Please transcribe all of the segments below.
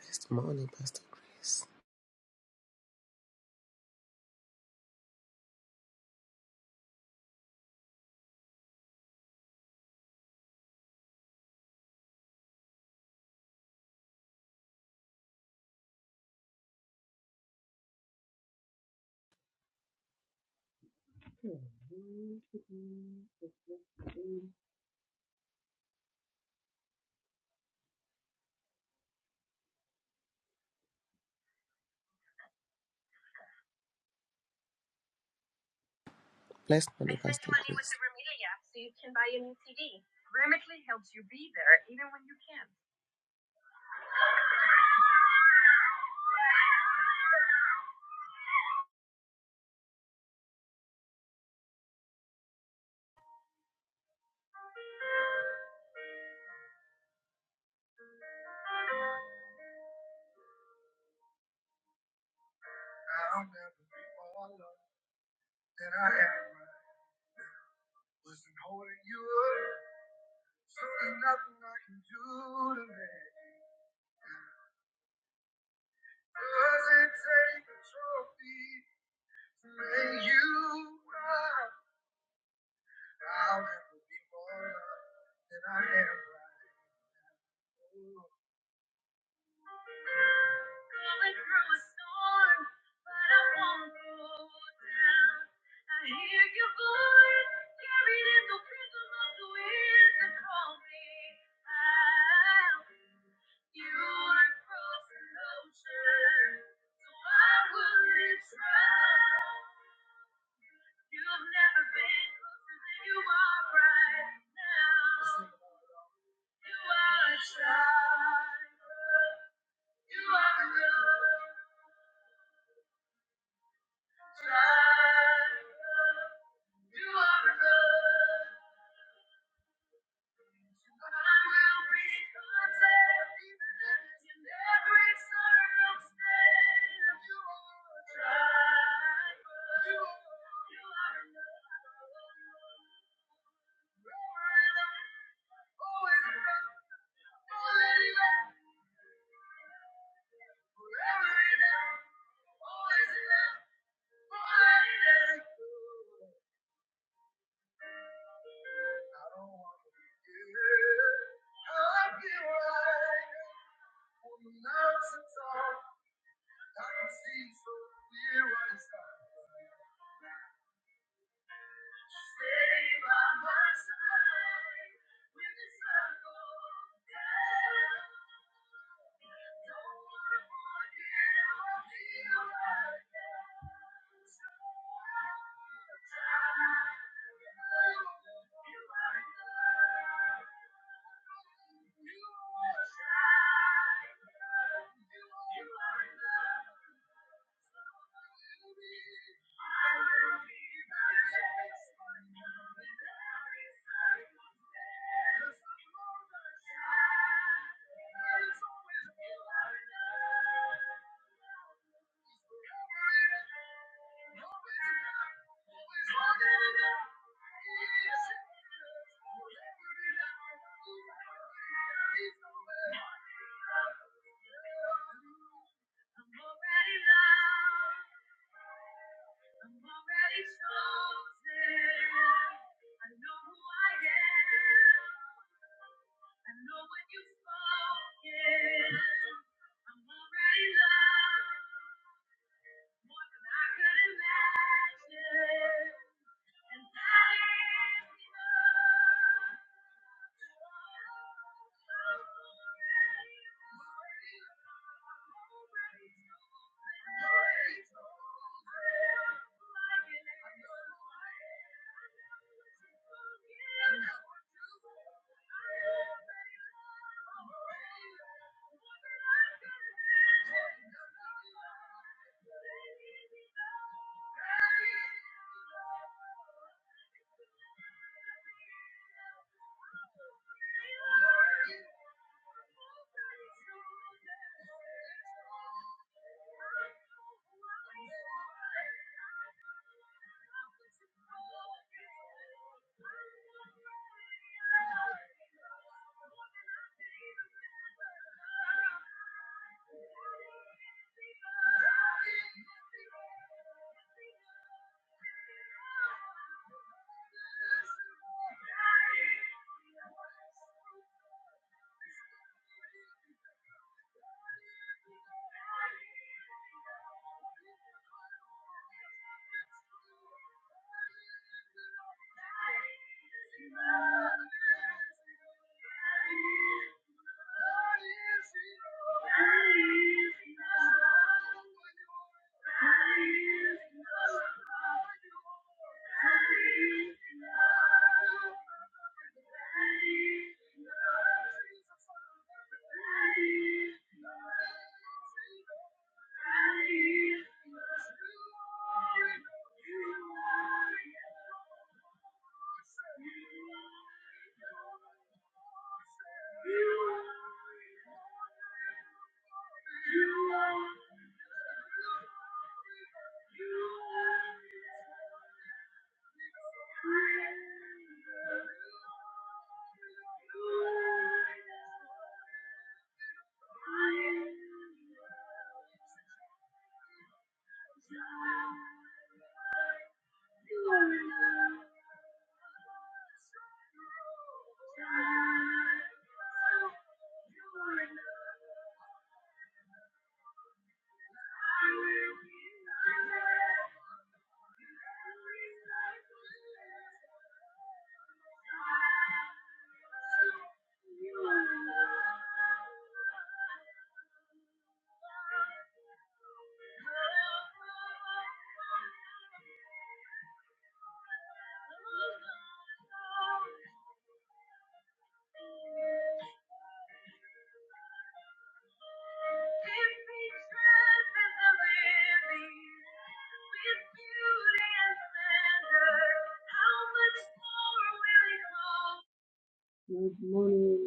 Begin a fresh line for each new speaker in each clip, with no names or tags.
Blessed morning, Pastor Grace.
Good morning.
Blessed morning, Pastor Grace.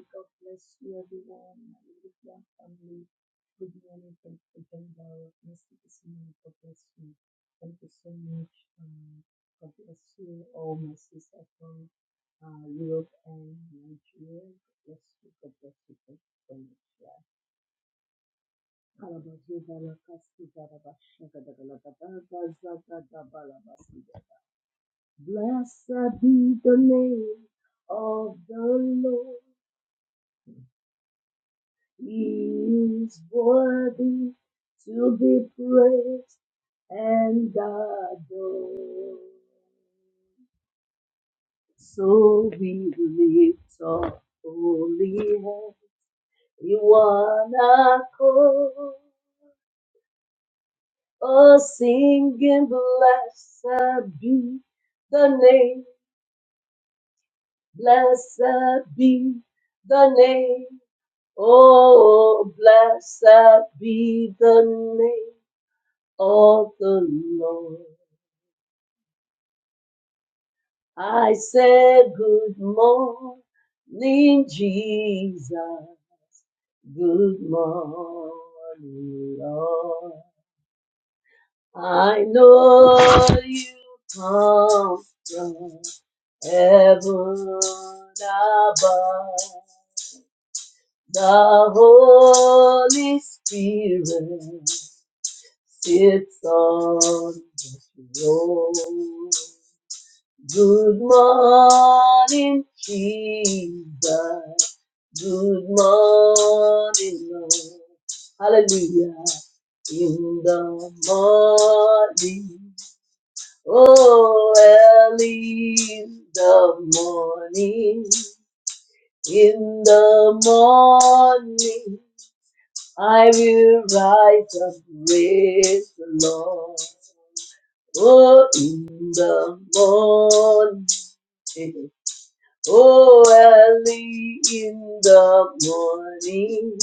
God bless you, everyone. My European family. Good morning. Thank you for joining our message this morning. God bless you. Thank you so much. Um, God bless you, all my sisters from uh, Europe and Nigeria. God bless you. God bless you. Thank you so much. Yeah. Kalabazuba la kasu, darabashaga, dagalagadaga, zagadabalabasu. Blessed be the name of the Lord. He is worthy to be praised and adored. So we lift up holy hands in one accord. Oh, singing, blessed be the name, blessed be the name Oh, blessed be the name of the Lord. I say good morning, Jesus. Good morning, Lord. I know you come from heaven above. The Holy Spirit It's on the road. Good morning, Jesus. Good morning, Lord. Hallelujah. In the morning, oh, early in the morning, in the morning. I will rise and praise the Lord. Oh, in the morning, oh, early in the morning,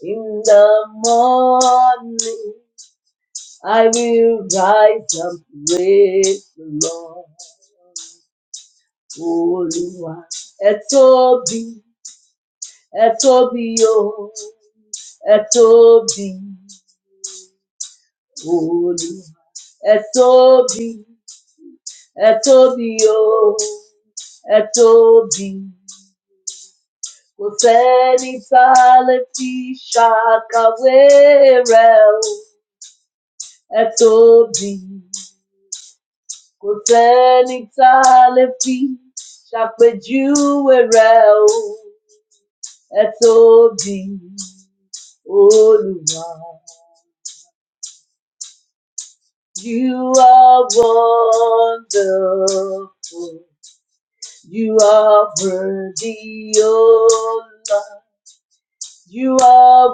in the morning, I will rise and praise the Lord. Olúwa, ẹ tóbi, ẹ tóbi o, ẹ tóbi. Olúwa ẹ tóbi ẹ tóbi o ẹ tóbi kò sẹ́ni tá a lè fi ṣàkàwé rẹ o ẹ tóbi kò sẹ́ni tá a lè fi ṣàpèjúwe rẹ o ẹ tóbi Olúwa you are wonderful. You are worthy, O Lord. You are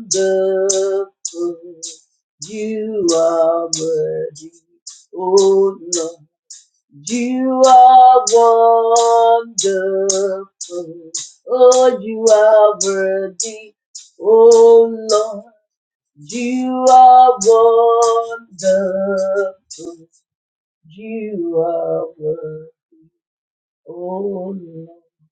wonderful. You are worthy, O Lord. You are wonderful. Oh, you are worthy, O Lord. You are wonderful. You are worthy, O Lord.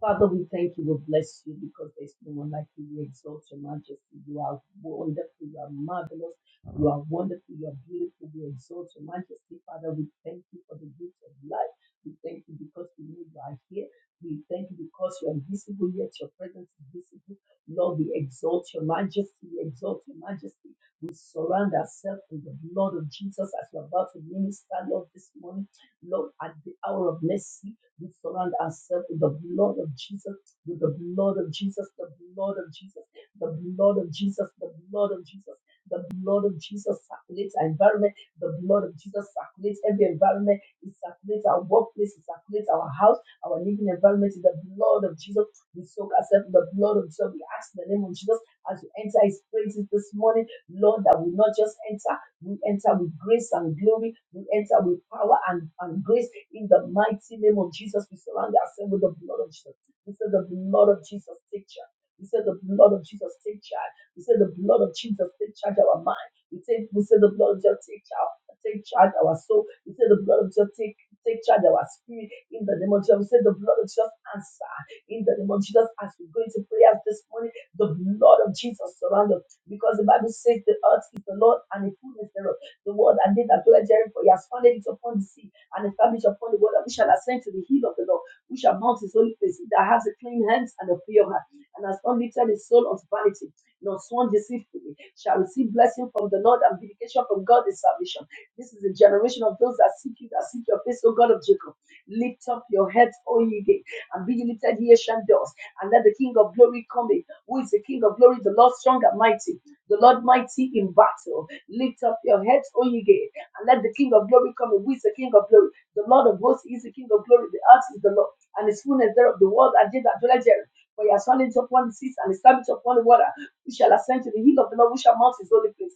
Father, we thank you, we bless you because there's no one like you. We exalt your majesty. You are wonderful, you are marvelous, you are wonderful, you are beautiful. We exalt your majesty, Father. We thank you for the gift of life. We thank you because we know you are here. We thank you because you are visible, yet your presence is visible. Lord, we exalt your majesty, we exalt your majesty. We surround ourselves with the blood of Jesus as we're about to minister, Lord, this morning. Lord, at the hour of mercy, we surround ourselves with the blood of Jesus, with the blood of Jesus, the blood of Jesus, the blood of Jesus, the blood of Jesus. The blood of Jesus circulates our environment. The blood of Jesus circulates every environment. It circulates our workplace. It circulates our house, our living environment. In the blood of Jesus, we soak ourselves in the blood of Jesus. We ask in the name of Jesus as we enter His praises this morning, Lord, that we not just enter, we enter with grace and glory we enter with power and, and grace in the mighty name of Jesus. We surround ourselves with the blood of Jesus. We say the blood of Jesus take charge. We say the blood of Jesus take charge. We say the blood of Jesus take charge our mind. We say we say the blood of Jesus take charge, take charge our soul. We say the blood of Jesus take take charge our spirit in the name of Jesus. We say the blood of Jesus answer in the name of Jesus as we go into prayers this morning. The blood of Jesus surround us because the Bible says the earth is the Lord and the fullness thereof the word that David and dwell therein, for he has founded it upon the sea and established upon the water. We shall ascend to the hill of the Lord. We shall mount his holy place. He that has a clean hands and a pure heart, and has not lifted his soul unto vanity, nor sworn deceitfully, shall receive blessing from the Lord and vindication from God in salvation. This is the generation of those that seek you, that seek your face, O God of Jacob. Lift up your heads, O ye gates, and be ye lifted, ye ancient doors, and let the King of glory come in. Who is the King of glory? The Lord strong and mighty, the Lord mighty in battle. Lift up your heads, O ye gates, and let the King of glory come in. Who is the King of glory? The Lord of hosts is the King of glory. The earth is the Lord, and his fullness thereof, the world, and they that dwell therein. For he has founded upon the seas and established upon the water. We shall ascend to the hill of the Lord, we shall mount his holy place.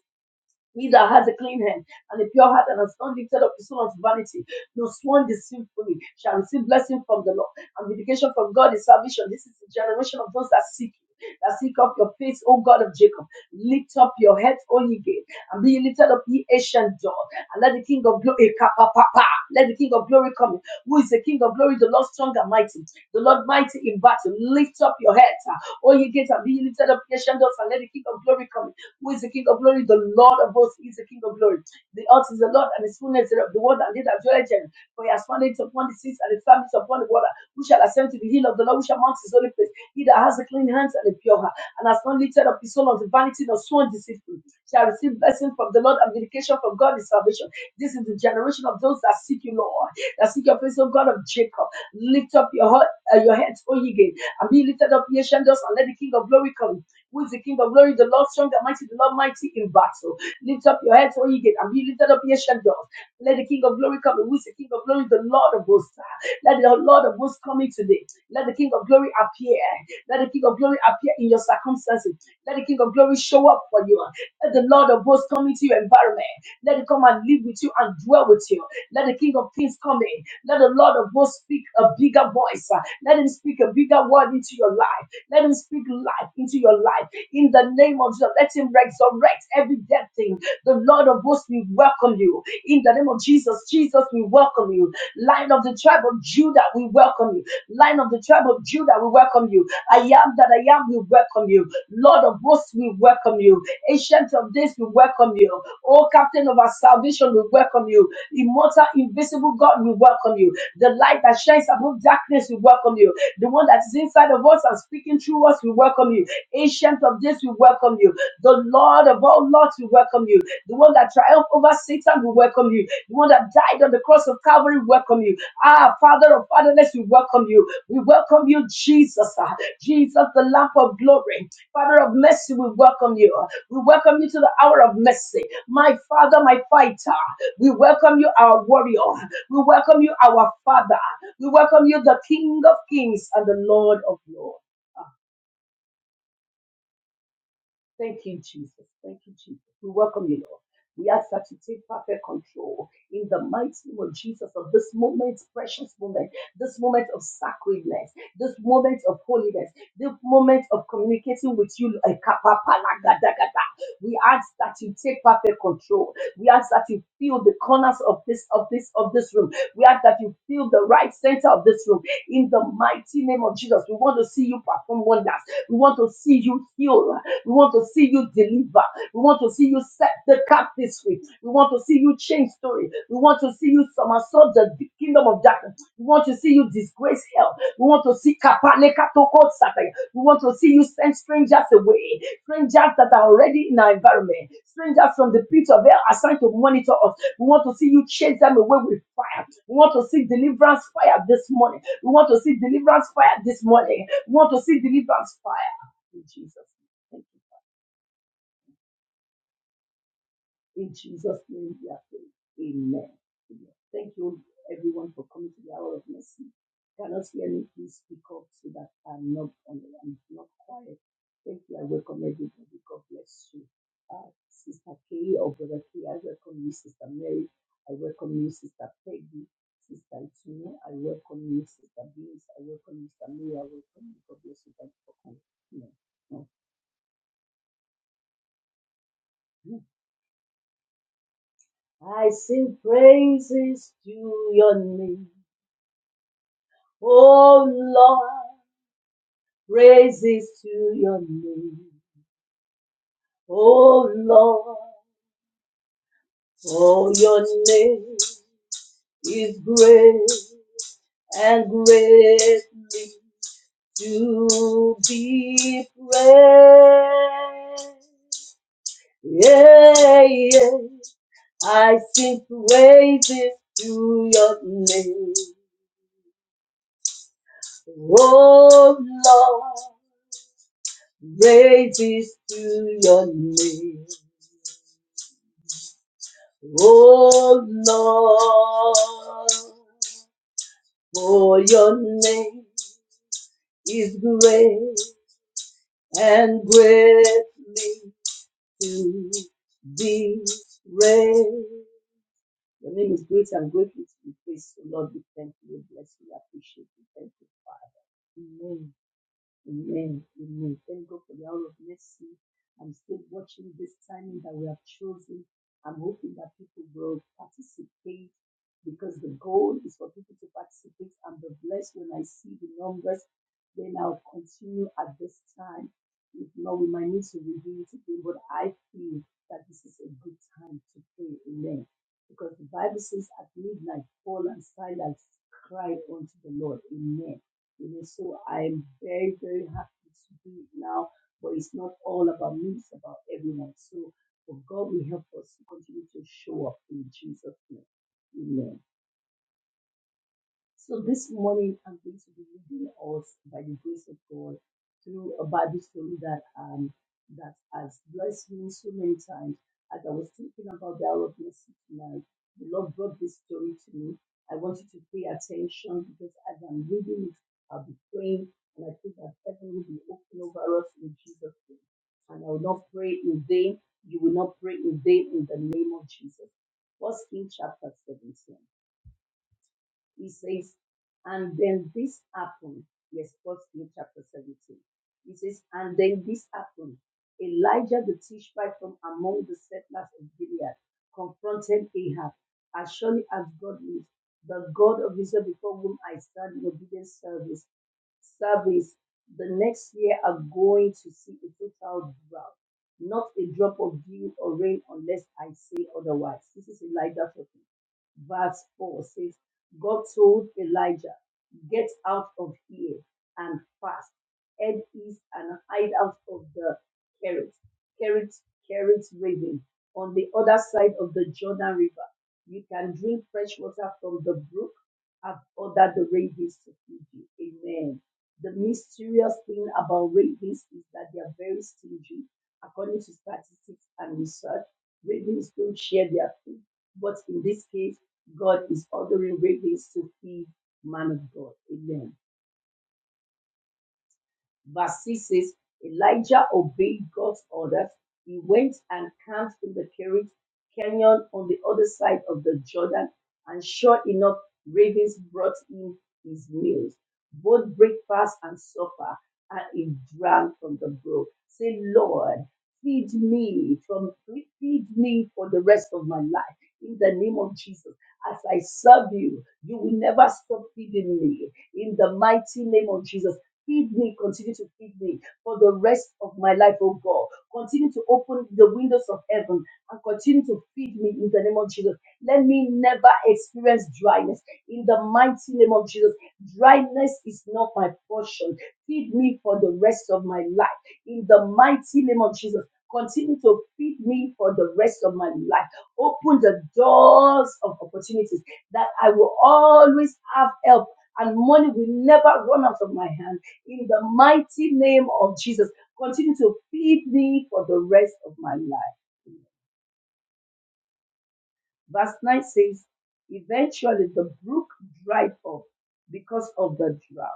He that has a clean hand and a pure heart and has not lifted up his soul unto vanity, no sworn deceitfully shall receive blessing from the Lord. And vindication from God is salvation. This is the generation of those that seek you, that seek up your face, O God of Jacob. Lift up your head, O ye gate, and be ye lifted up, ye ancient door. And let the King of glory, let the King of glory come. in. Who is the King of glory? The Lord strong and mighty, the Lord mighty in battle. Lift up your head, O ye gates, and be ye lifted up, ye ancient doors, and let the King of glory come. in who is the King of glory? The Lord of hosts is the King of glory. The earth is the Lord and his fullness thereof, the world and they that dwell therein. For he has founded it upon the seas and established upon the water. Who shall ascend to the hill of the Lord? Who shall mount his holy place? He that has a clean hands and a pure heart, and has not lifted up his soul unto vanity nor sworn deceitful, shall receive blessing from the Lord and vindication from God his salvation. This is the generation of those that seek you, Lord, that seek your face, O God of Jacob. Lift up your heart, uh, your heads, O ye gate, and be lifted up, ye shandals, and let the King of glory come who is the King of glory, the Lord strong and mighty, the Lord mighty in battle. Lift up your heads, O ye gate, and be lifted up, ye shadows. Let the King of glory come. and Who is the King of glory? The Lord of hosts. Let the Lord of hosts come in today. Let the King of glory appear. Let the King of glory appear in your circumstances. Let the King of glory show up for you. Let the Lord of hosts come into your environment. Let him come and live with you and dwell with you. Let the King of kings come in. Let the Lord of hosts speak a bigger voice. Let him speak a bigger word into your life. Let him speak life into your life in the name of Jesus. Let him resurrect every dead thing. The Lord of hosts, we welcome you in the name of Jesus. Jesus, we welcome you. Lion of the tribe of Judah, we welcome you. Lion of the tribe of Judah, we welcome you. I am that I am, we welcome you. Lord of hosts, we welcome you. Ancient of days, we welcome you. Oh, Captain of our salvation, we welcome you. Immortal, invisible God, we welcome you. The light that shines above darkness, we welcome you. The one that is inside of us and speaking through us, we welcome you. Ancient of days, we welcome you. The Lord of all lords, we welcome you. The one that triumphed over Satan, we welcome you. The one that died on the cross of Calvary, we welcome you. Ah, Father of fatherless, we welcome you. We welcome you, Jesus. Ah, Jesus, the lamp of glory. Father of mercy, we welcome you. We welcome you to the hour of mercy. My Father, my fighter. We welcome you, our warrior. We welcome you, our Father. We welcome you, the King of Kings and the Lord of Lords. Thank you, Jesus. Thank you, Jesus. We welcome you, Lord. We ask that you take perfect control in the mighty name of Jesus of this moment, precious moment, this moment of sacredness, this moment of holiness, this moment of communicating with you. eh, kapapalagadagada. We ask that you take perfect control. We ask that you fill the corners of this of this of this room. We ask that you fill the right center of this room in the mighty name of Jesus. We want to see you perform wonders. We want to see you heal. We want to see you deliver. We want to see you set the captives free. We want to see you change story. We want to see you somersault the kingdom of darkness. We want to see you disgrace hell. We want to see kapanekatoko satay. We want to see you send strangers away, strangers that are already in our environment, strangers from the pit of hell assigned to monitor us. We want to see you chase them away with fire. We want to see deliverance fire this morning. We want to see deliverance fire this morning. We want to see deliverance fire in Jesus. name. In Jesus' name we are praying. Amen. Amen. Thank you everyone for coming to the hour of mercy. Cannot hear me, please speak up so that I'm not on I'm not quiet. Thank you. I welcome everybody. God bless you. Uh, Sister Kay or Brother Kay, I welcome you, Sister Mary. I welcome you, Sister Peggy. Sister Itunu, I welcome you, Sister Beans. I welcome you, Sister Mary. I welcome you. God bless you. Thank you for coming. Amen. I sing praises to your name. Oh Lord, praises to your name. Oh Lord, oh your name is great and greatly to be praised. Yeah, yeah. I sing praises to your name. Oh Lord. Great is to your name, O Lord. For your name is great and greatly to be praised. Your name is great and greatly to be praised. So Lord, we thank you, we bless you, we appreciate you. Thank you, Father. Amen. Amen. Amen. Thank God for the hour of mercy. I'm still watching this timing that we have chosen. I'm hoping that people will participate because the goal is for people to participate. I'm the blessed when I see the numbers. Then I'll continue at this time. If not, we might need to review it again. But I feel that this is a good time to pray. Amen. Because the Bible says, at midnight, fall and silence cry unto the Lord. Amen you know, so I'm very, very happy to do it now. But it's not all about me, it's about everyone. So for God will help us to continue to show up in Jesus' name. Amen. So this morning, I'm going to be leading us by the grace of God through a Bible story that um that has blessed me so many times. As I was thinking about the hour of mercy tonight, the Lord brought this story to me. I want you to pay attention because as I'm reading it, I'll be praying, and I think that heaven will be open over us in Jesus' name. And I will not pray in vain. You will not pray in vain in the name of Jesus. First King chapter 17. He says, and then this happened. Yes, first King chapter 17. He says, and then this happened. Elijah the Tishbite from among the settlers of Gilead confronted Ahab. As surely as God lives, the God of Israel before whom I stand in obedient service, service, the next year are going to see a total drought, not a drop of dew or rain unless I say otherwise. This is Elijah talking verse 4 says, God told Elijah, Get out of here and fast. Head east and hide out of the Kerit, Kerit, Kerit raven on the other side of the Jordan River. You can drink fresh water from the brook. I've ordered the ravens to feed you. Amen. The mysterious thing about ravens is that they are very stingy. According to statistics and research, ravens don't share their food. But in this case, God is ordering great to see man of God. Amen verse 6 says, Elijah obeyed God's orders. He went and camped in the Kerit Canyon on the other side of the Jordan, and sure enough, ravens brought him his meals, both breakfast and supper, and he drank from the brook. Say, Lord, feed me from feed me for the rest of my life. In the name of Jesus, as I serve you, you will never stop feeding me. In the mighty name of Jesus. Feed me, continue to feed me for the rest of my life, oh God. Continue to open the windows of heaven and continue to feed me in the name of Jesus. Let me never experience dryness in the mighty name of Jesus. Dryness is not my portion. Feed me for the rest of my life in the mighty name of Jesus. Continue to feed me for the rest of my life. Open the doors of opportunities that I will always have help and money will never run out of my hand in the mighty name of Jesus. Continue to feed me for the rest of my life. Verse 9 says, Eventually the brook dried up because of the drought.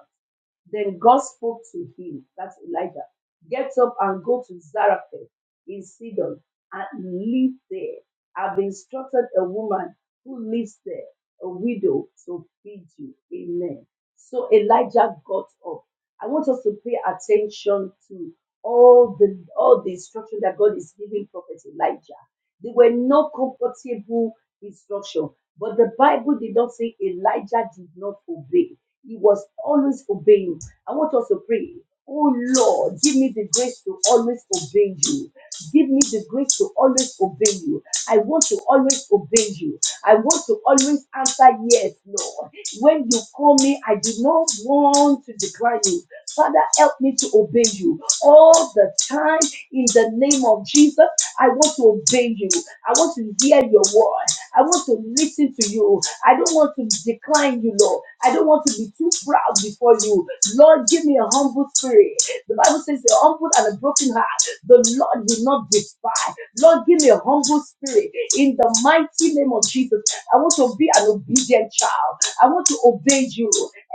Then God spoke to him, that's Elijah, get up and go to Zarephath in Sidon and live there. I've instructed a woman who lives there, a widow, to feed you. Amen. So Elijah got up. I want us to pay attention to all the all the instruction that God is giving Prophet Elijah. There were no comfortable instruction. But the Bible did not say Elijah did not obey. He was always obeying. I want us to pray. Oh Lord, give me the grace to always obey you. Give me the grace to always obey you. I want to always obey you. I want to always answer yes, Lord. When you call me, I do not want to decline you. Father, help me to obey you all the time in the name of Jesus. I want to obey you. I want to hear your word. I want to listen to you. I don't want to decline you, Lord. I don't want to be too proud before you. Lord, give me a humble spirit. The Bible says, a humble and a broken heart, the Lord will not despise. Lord, give me a humble spirit. In the mighty name of Jesus, I want to be an obedient child. I want to obey you.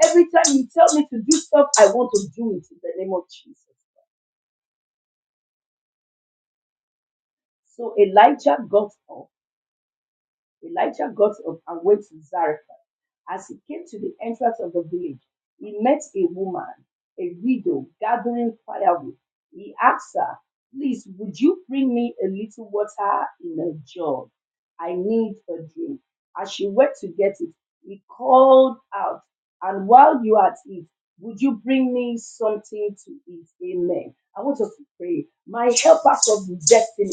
Every time you tell me to do stuff, I want to do it in the name of Jesus. So Elijah got up Elijah got up and went to Zarephath. As he came to the entrance of the village, he met a woman, a widow, gathering firewood. He asked her, Please, would you bring me a little water in a jug? I need a drink. As she went to get it, he called out, And while you are at it, would you bring me something to eat? Amen. I want us to pray. My helpers of destiny,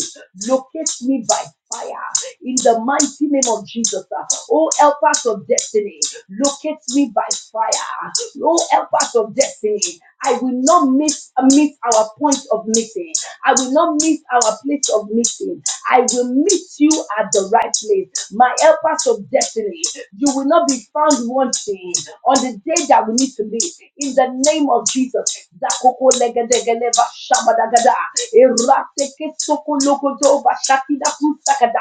locate me by fire in the mighty name of Jesus. uh, Oh, help us of destiny, locate me by fire. Oh, help us of destiny. I will not miss uh, miss our point of meeting. I will not miss our place of meeting. I will meet you at the right place. My helpers of destiny, you will not be found wanting on the day that we need to meet. In the name of Jesus. Zakoko legedegeleba shabadagada. Eratekesokolokotobashakidakutaka.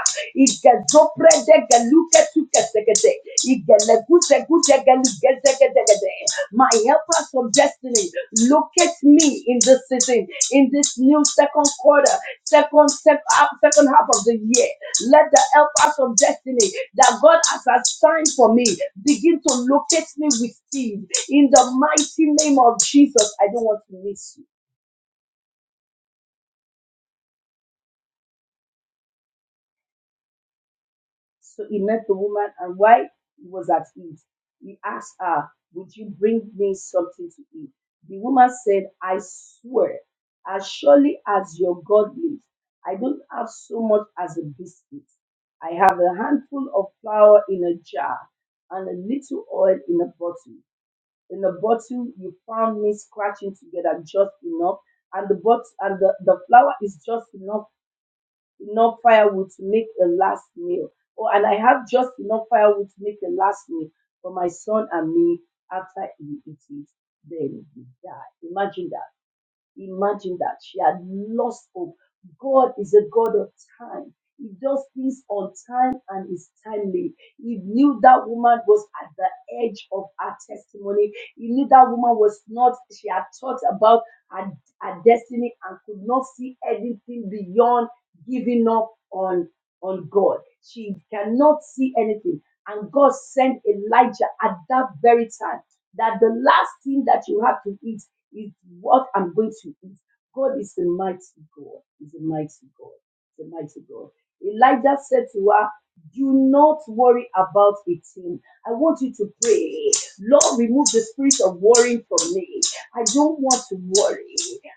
My helper from destiny, locate me in this season, in this new second quarter, second sec- half- second half of the year. Let the helpers from destiny that God has assigned for me begin to locate me with speed. In the mighty name of Jesus, I don't want to miss you. So he met the woman, and while he was at eat, he asked her, Would you bring me something to eat? The woman said, I swear, as surely as your God lives, I don't have so much as a biscuit. I have a handful of flour in a jar and a little oil in a bottle. In the bottle, you found me scratching together just enough, and the bot- and the, the flour is just enough enough firewood to make a last meal. Oh, and I have just enough firewood to make a last meal for my son and me after he eats it. Then he died. Imagine that. Imagine that she had lost hope. God is a God of time. He does things on time and is timely. He knew that woman was at the edge of her testimony. He knew that woman was not, she had thought about her, her destiny and could not see anything beyond giving up on, on God. She cannot see anything. And God sent Elijah at that very time that the last thing that you have to eat is what I'm going to eat. God is a mighty God. He's a mighty God. He's a mighty God. Elijah said to her, Do not worry about a thing. I want you to pray. Lord, remove the spirit of worrying from me. I don't want to worry.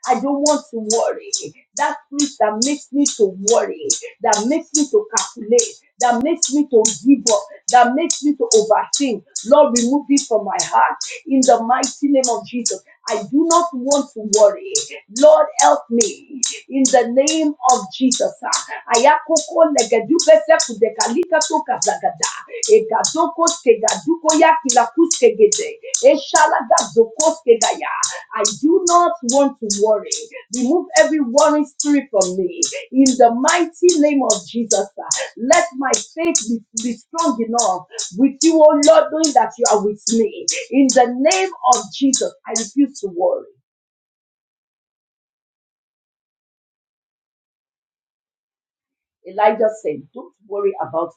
I don't want to worry. That spirit that makes me to worry, that makes me to calculate, that makes me to give up, that makes me to overthink. Lord, remove it from my heart in the mighty name of Jesus. I do not want to worry. Lord, help me in the name of Jesus. Ayakoko legedubese kudekalika to kazagada. Egadoko skegaduko ya kilakuskegede. Eshalagazokoskegaya. I do not want to worry. Remove every worrying spirit from me. In the mighty name of Jesus, let my faith be, be strong enough with you, oh Lord, knowing that you are with me. In the name of Jesus, I refuse to worry. Elijah said, Don't worry about it.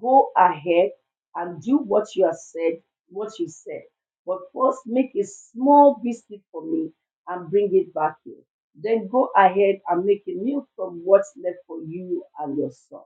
Go ahead and do what you have said, what you said. But first make a small biscuit for me and bring it back here. Then go ahead and make a meal from what's left for you and your son.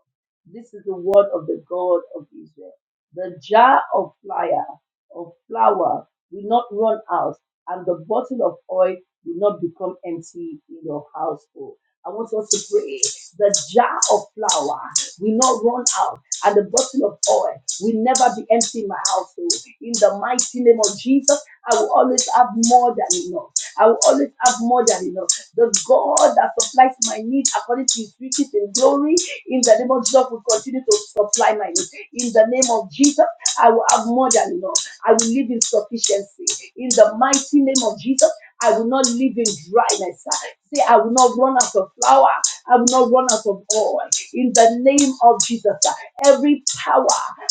This is the word of the God of Israel. The jar of flour of flour will not run out, and the bottle of oil will not become empty in your household. I want us to pray. The jar of flour will not run out and the bottle of oil will never be empty in my household. In the mighty name of Jesus, I will always have more than enough. I will always have more than enough. The God that supplies my needs according to his riches in glory, in the name of Jesus, will continue to supply my needs. In the name of Jesus, I will have more than enough. I will live in sufficiency. In the mighty name of Jesus, I will not live in dryness. Say, I will not run out of flour. I will not run out of oil. In the name of Jesus, Every power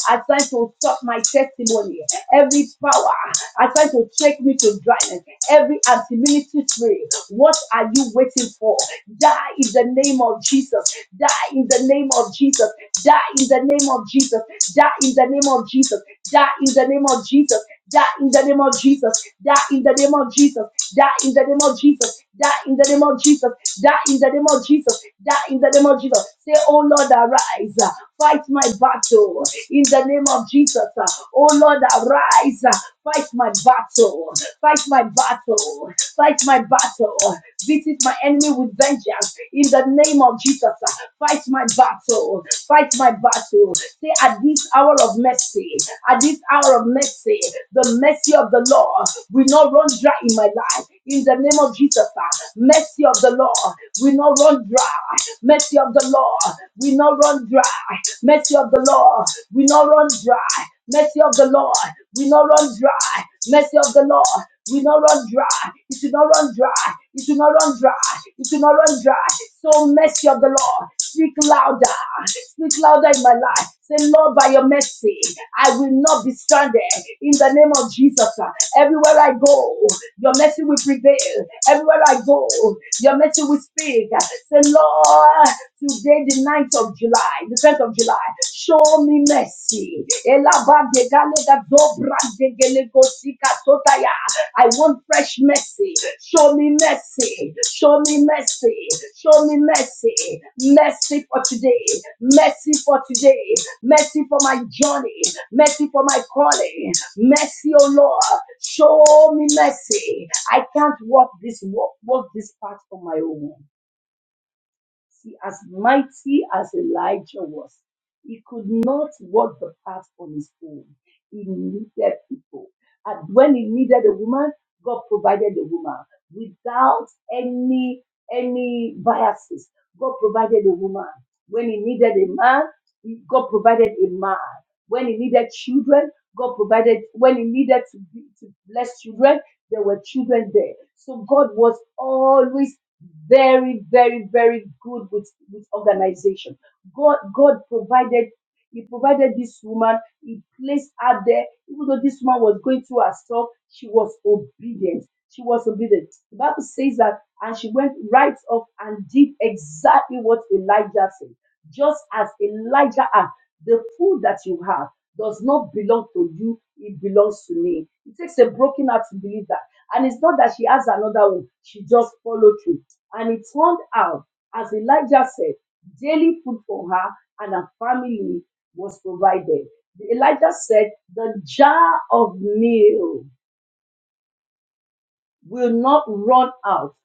assigned to stop my testimony, every power assigned to take me to dryness, every anti-ministry spirit, what are you waiting for? Die in the name of Jesus. Die in the name of Jesus. Die in the name of Jesus. Die in the name of Jesus. Die in the name of Jesus. Die in the name of Jesus. Die in the name of Jesus. Die in the name of Jesus. Die in the name of Jesus. Die in the name of Jesus. Die in the name of Jesus. Say, Oh Lord, arise. Fight my battle in the name of Jesus. uh. Oh Lord, arise. uh, Fight my battle. Fight my battle. Fight my battle. Visit my enemy with vengeance in the name of Jesus. uh. Fight my battle. Fight my battle. Say at this hour of mercy, at this hour of mercy, the mercy of the Lord will not run dry in my life. In the name of Jesus, uh, mercy of the Lord will we not run dry. Mercy of the Lord. We not run dry. Mercy of the Lord. We not run dry. Mercy of the Lord. We not run dry. Mercy of the Lord. We not run dry. It should not run dry. It should not run dry. It should not run dry. So mercy of the Lord. Speak louder. Speak louder in my life. Say, Lord, by your mercy, I will not be stranded. In the name of Jesus, uh, Everywhere I go, your mercy will prevail. Everywhere I go, your mercy will speak. Say, Lord, today, the ninth of July, the 10th of July, show me mercy. Elabadegalegadobradegelegosikatotaya. I want fresh mercy. Show me mercy. Show me mercy. Show me mercy. Mercy for today. Mercy for today. Mercy for my journey. Mercy for my calling. Mercy, oh Lord. Show me mercy. I can't walk this walk, walk this path on my own. See, as mighty as Elijah was, he could not walk the path on his own. He needed people. And when he needed a woman, God provided a woman without any any biases. God provided a woman. When he needed a man, he- God provided a man. When he needed children, God provided. When he needed to, be- to bless children, there were children there. So God was always very, very, very good with, with organization. God, God provided, He provided this woman, He placed her there. Even though this woman was going through herself, she was obedient. She was obedient. The Bible says that, and she went right off and did exactly what Elijah said. Just as Elijah asked, the food that you have does not belong to you, it belongs to me. It takes a broken heart to believe that. And it's not that she has another one, she just followed through. And it turned out, as Elijah said, daily food for her and her family was provided. Elijah said, The jar of meal will not run out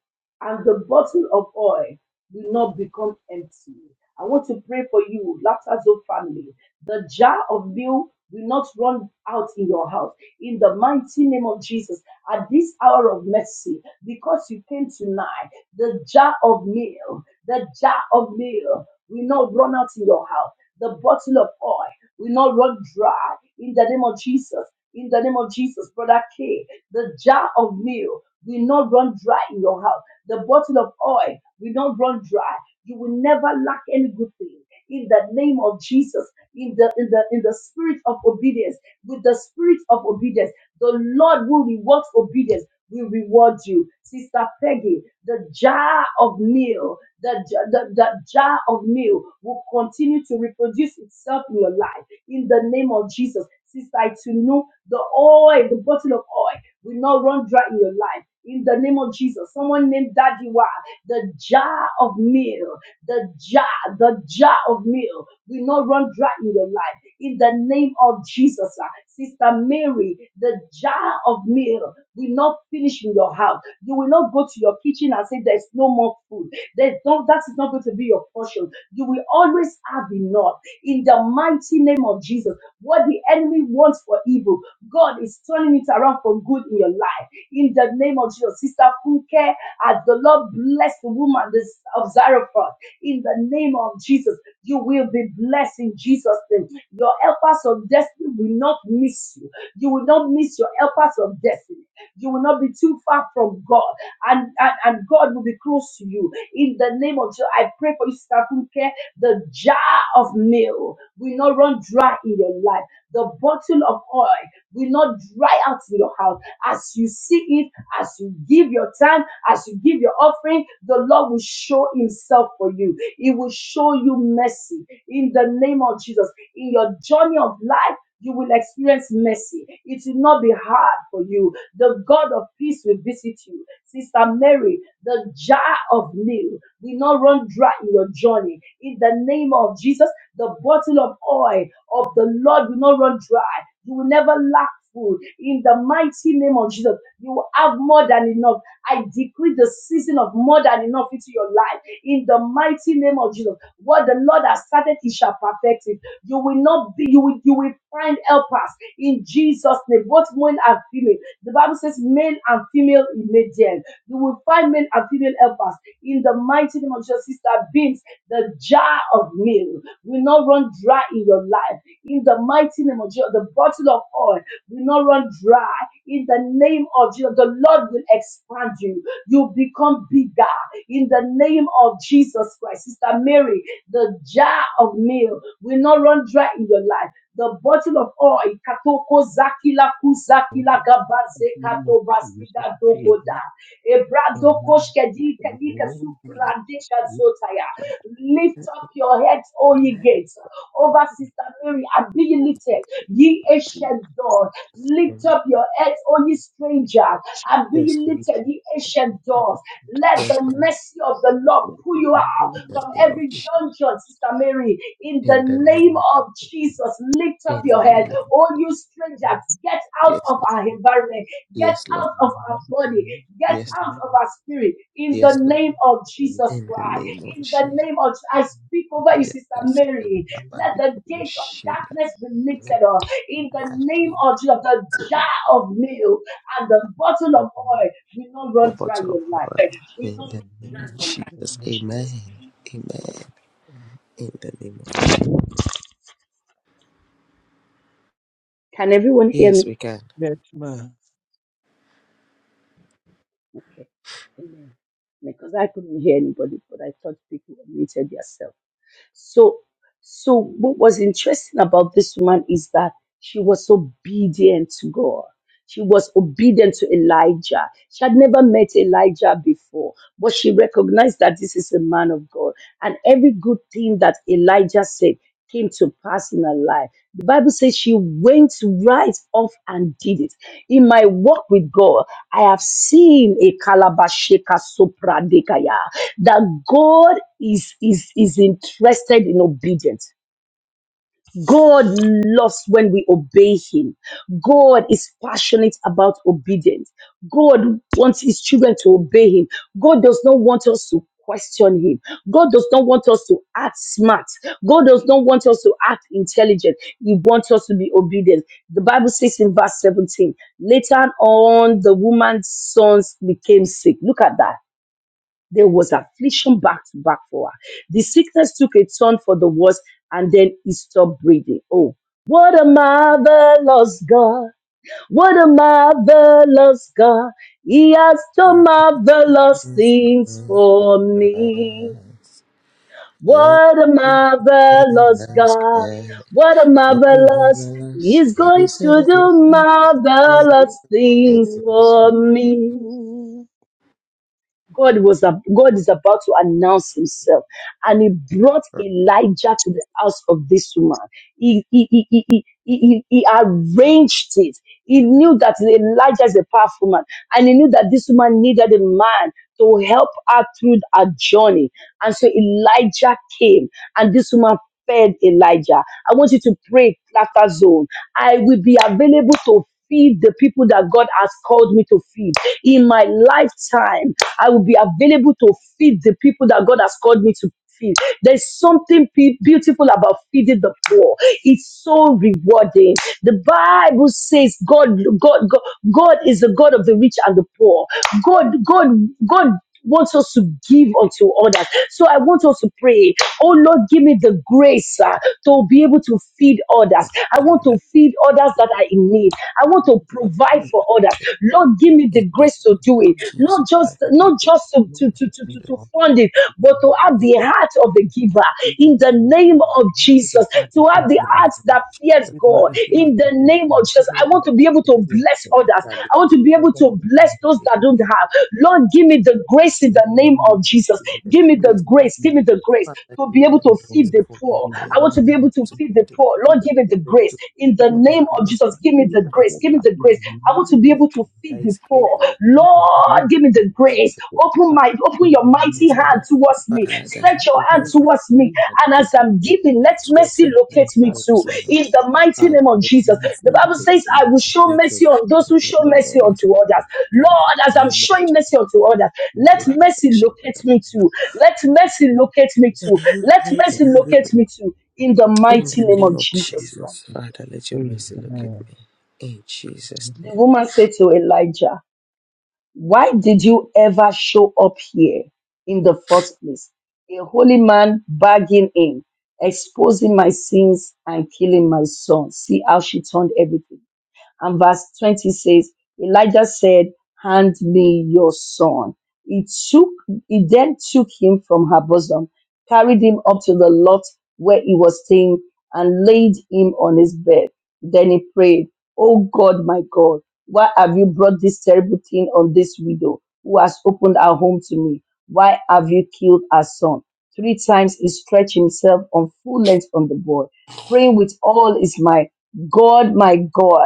and the bottle of oil will not become empty. I want to pray for you, Laughter Zone family. The jar of meal will not run out in your house. In the mighty name of Jesus, at this hour of mercy, because you came tonight, the jar of meal, the jar of meal will not run out in your house. The bottle of oil will not run dry. In the name of Jesus, in the name of Jesus, Brother K, the jar of meal will not run dry in your house. The bottle of oil will not run dry. You will never lack any good thing. In the name of Jesus, in the in the in the spirit of obedience, with the spirit of obedience, the Lord will reward obedience. Will reward you, Sister Peggy. The jar of meal, the, j- the, the jar of meal will continue to reproduce itself in your life. In the name of Jesus, Sister Itunu, the oil, the bottle of oil will not run dry in your life in the name of Jesus. Someone named Daddy Wa, the jar of meal, the jar, the jar of meal will not run dry in your life. In the name of Jesus, ah. Sister Mary, the jar of meal will not finish in your house. You will not go to your kitchen and say there's no more food. There's no, that is not going to be your portion. You will always have enough. In the mighty name of Jesus, what the enemy wants for evil, God is turning it around for good in your life in the name of Jesus. Sister Funke, as the Lord bless the woman of Zarephath, in the name of Jesus, you will be blessed in Jesus' name. Your helpers of destiny will not miss you. You will not miss your helpers of destiny. You will not be too far from God, and, and, and God will be close to you. In the name of Jesus, I pray for you, Sister Funke, the jar of meal will not run dry in your life. The bottle of oil will not dry out in your house as you see it, as you give your time, as you give your offering, the Lord will show Himself for you. He will show you mercy in the name of Jesus. In your journey of life, you will experience mercy. It will not be hard for you. The God of peace will visit you. Sister Mary, the jar of oil will not run dry in your journey. In the name of Jesus, the bottle of oil of the Lord will not run dry. You will never lack food in the mighty name of Jesus. You will have more than enough. I decree the season of more than enough into your life in the mighty name of Jesus. What the Lord has started, He shall perfect it. You will not be, you will, you will find helpers in Jesus' name, both male and female. The Bible says, male and female in median. You will find male and female helpers in the mighty name of Jesus. Sister Beams, the jar of meal will not run dry in your life. In the mighty name of Jesus, the bottle of oil will not run dry. In the name of Jesus, the Lord will expand you. You become bigger. In the name of Jesus Christ, Sister Mary, the jar of meal will not run dry in your life. The bottle of oil, katoko zakila
In
kuzakila
the
gabaze
name of Jesus,
katobaskida dogoda.
amen.
Ebrado
Amen.
koshkedi
The
kadika
Lord
The
is
supradika
with us and
zotaya. Lift up your heads, O ye
grace
with
gates,
us.
over Sister Mary, and be ye lifted, ye
See,
ancient door Lift
Amen.
up your heads, O ye strangers,
see,
and be
see,
Yes,
ye
Lord.
see,
lifted,
the
ye ancient
covenant of
doors.
the Lord is
Let
with
the
Yes,
us.
Lord.
mercy of the Lord
In
pull you
the
out
In
name
from
of
the name of
every
Je-
Jesus,
dungeon, Sister Mary. In the
in the
I
name
name of
pray.
of Jesus, lift up
in
your
the
Amen.
head,
name of
O you strangers.
Amen.
Get out
yes,
of
Lord.
our environment. Get
Yes,
Amen.
Lord.
out of our
Amen.
body.
Amen.
Get
Amen. amen, amen, amen, amen,
Yes,
out
amen,
of our spirit. In the
yes, Lord.
name
name of Jesus
In the
Christ.
name of
In the
Jesus,
name of I speak
my
over you, Sister
yes,
Mary.
Baba,
of
Let
the
the gates
Jesus,
of
Kushin,
we
that
darkness be
the
declare
lifted
that
up
we
in the name
declare
Kakashi,
of Jesus. The jar
in the name
of
of
milk and
Jesus.
the
In
bottle
the name
of
of
oil will not
Jesus.
run
the
dry in your
bottle of
life
oil.
in
In
That's
Jesus.
the name of Jesus, Amen. Amen. In the name of Jesus,
Can everyone hear
yes,
me?
we can.
my
Okay. Amen. Because I couldn't hear anybody, but I thought people muted themselves. So, so what was interesting about this woman is that she was obedient to God. She was obedient to Elijah. She had never met Elijah before, but she recognized that this is a man of God. And every good thing that Elijah said came to pass in her life. The Bible says she went right off and did it. In my walk with God, I have seen a kalabasheka sopradekaya that God is, is, is interested in obedience. God loves when we obey Him. God is passionate about obedience. God wants His children to obey Him. God does not want us to question Him. God does not want us to act smart. God does not want us to act intelligent. He wants us to be obedient. The Bible says in verse 17, later on, the woman's sons became sick. Look at that. There was affliction back to back for her. The sickness took a turn for the worse and then he stopped breathing. Oh, what a marvelous God. What a marvelous God. He has done
Yes,
marvelous
yes,
things
yes,
for me.
yes. las
What a marvelous God.
que
What a marvelous.
ordenadas
He's going
eres
to
el que
do
Give
marvelous
me the
things for me. God was ab- God is about to announce Himself, and He brought Elijah to the house of this woman. He he he he, he, he, he he arranged it. He knew that Elijah is a powerful man, and he knew that this woman needed a man to help her through her journey. And so Elijah came, and this woman fed Elijah. I want you to pray, Laughter Zone. I will be available to feed the people that God has called me to feed. In my lifetime, I will be available to feed the people that God has called me to feed. There's something be- beautiful about feeding the poor. It's so rewarding. The Bible says God, God, God, God is the God of the rich and the poor. God, God, God wants us to give unto others. So I want us to pray, oh Lord, give me the grace uh, to be able to feed others. I
Give
want
me
to
that
feed others that are in need. I want to
what
provide for others. Lord, give me
in
the
the name
grace to
of
do it.
Jesus,
Not just
Father, give
not
me the
just to,
grace to
to,
do
to, to, to to fund it, but to have
it.
the heart of the giver in the name
resources.
of
give me the
Jesus,
heart of
to
in
have the
the
forgiveness.
heart
name of
that fears
Jesus,
Give me
God
Father,
the
give me
heart
the
in the
of
heart
name of
forgiveness.
Jesus.
Give me
I
the
want
for
to
that
be
heart
able
of
to
yes,
bless
forgiveness.
others.
that is
I want to be
I
able
don't
to bless those
faith,
that
know.
don't have. Lord, give me the grace in
In
the
the
name
name
of
of
Jesus.
give me the
Jesus,
Give me
Give me
the
grace
the
for that.
grace. Give me
grace.
the grace
Father,
to
give
Give
be
me
me
able
the
the
to feed
grace
grace.
the
for
poor.
In the
obedience,
I want
name
the
Lord, to be able to
grace to
feed
of
be
the
the to
poor. Lord, give me
Jesus,
the
be able
grace.
to do
In
It
the
is
what
a
I
name
do
of
great
not
Jesus, give me
give
defeat
me
the
that
grace.
was
Give
that.
me the
in the
grace. I want to
the
name
be
of
Lord
able to
that
feed the
is
poor.
able
It is a
to
Lord,
great
give me the grace.
defeat
Jesus.
that
Open
Father,
my, open
in
Lord,
your
the
I
name
mighty
of
praise the
hand
Lord.
towards me.
Jesus.
Father,
Stretch your
It
open
hand
is a
your eyes,
towards
take
me.
great
your hand,
And as
defeat that
I'm
was
giving, let
stretch
mercy
your
set for
hand
locate
us
me too
towards
to
me,
it.
Lord.
in the mighty
Father,
name
in
of
the
let
Jesus.
your mercy
The
name
Bible
of
says,
locate
I
me.
Jesus.
will show
Let your
mercy on those who
grace,
show
O
mercy
Thank
Lord,
unto others.
in the
Lord, as I'm
you,
name of
Jesus.
showing
Jesus.
mercy unto others,
You
let
are
Allah,
the
mercy
source of the
locate
Lord,
Shikada.
me too.
for
Let
such a time. Thank
mercy
you, Lord, for
locate me too. Let
such
mercy
a
locate me too. In the
In
mighty
the
name
name
of
of
Jesus
time.
Christ.
Jesus, Father, let your
Amen.
mercy locate
Amen.
me. In
I
Jesus'
The
name.
woman said to Elijah, Why did you ever show up here in the first place? A holy man barging in, exposing my sins and killing my son. See how she turned everything And verse 20 says, Elijah said, Hand me your son. He took, he then took him from her bosom, carried him up to the lot where he was staying, and laid him on his bed. Then he prayed, Oh God, my God, why have you brought this terrible thing on this widow who has opened her home to me? Why have you killed her son? Three times he stretched himself on full length on the board, praying with all his might, God, my God.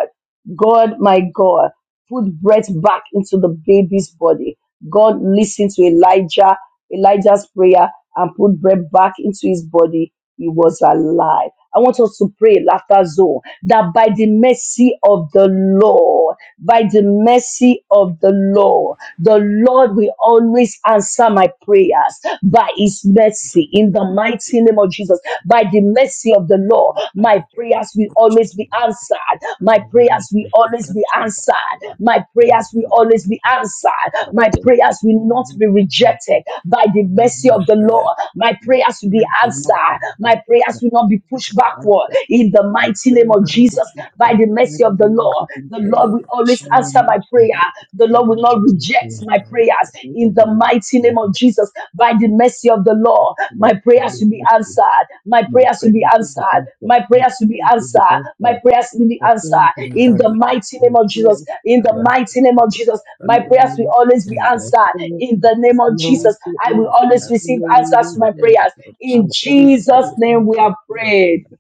God, my God, put breath back into the baby's body. God listened to Elijah, Elijah's prayer, and put breath back into his body. He was alive. I want us to pray, laughter zone, that by the mercy of the Lord, by the mercy of the Lord. The Lord will always answer my prayers by his mercy in the mighty name of Jesus. By the
think
mercy of the Lord,
God's
my
answer is
prayers will always
in
be
the
answered. My
name of
prayers will
Jesus.
always be
Answer my
answered
prayer.
my
In
Amen.
the
prayers will
name of
always be
Jesus.
answered.
My
My
prayers will
prayers
be
will not be
answered. My
rejected by the
prayers will
mercy
be
of
My
the
answered.
prayer.
Lord. My prayers
My
will be
prayers
is
will be
answered. My prayers will not be pushed backward
answered.
in the
My
mighty name
prayers,
of Jesus by
in
the mercy of the Lord. The
the
Lord will
name of Jesus.
always answer my prayer.
In
The
the name
Lord will not reject
of
my prayers in in the mighty name of Jesus. By the mercy of the Lord, my prayers will be answered. My prayers will be answered. My prayers will be answered. My prayers will be answered.
the
In the
Lord,
mighty name of Jesus. In
I
the
yeah,
mighty name
pray
of
for
Jesus.
that,
My
in
O
the
Lord.
prayers will
name of
always be
in the name
answered.
Jesus.
In
of
the name
the
of
Lord,
Lord,
Jesus.
we
I
thank
we
will
you. Lord,
always
have
receive answers to
we
in the
my
thank you.
name
prayers.
of
I
In
will
Jesus, I
always
will
Jesus'
give
always
name
us
we
the
have
same
prayed.
thing.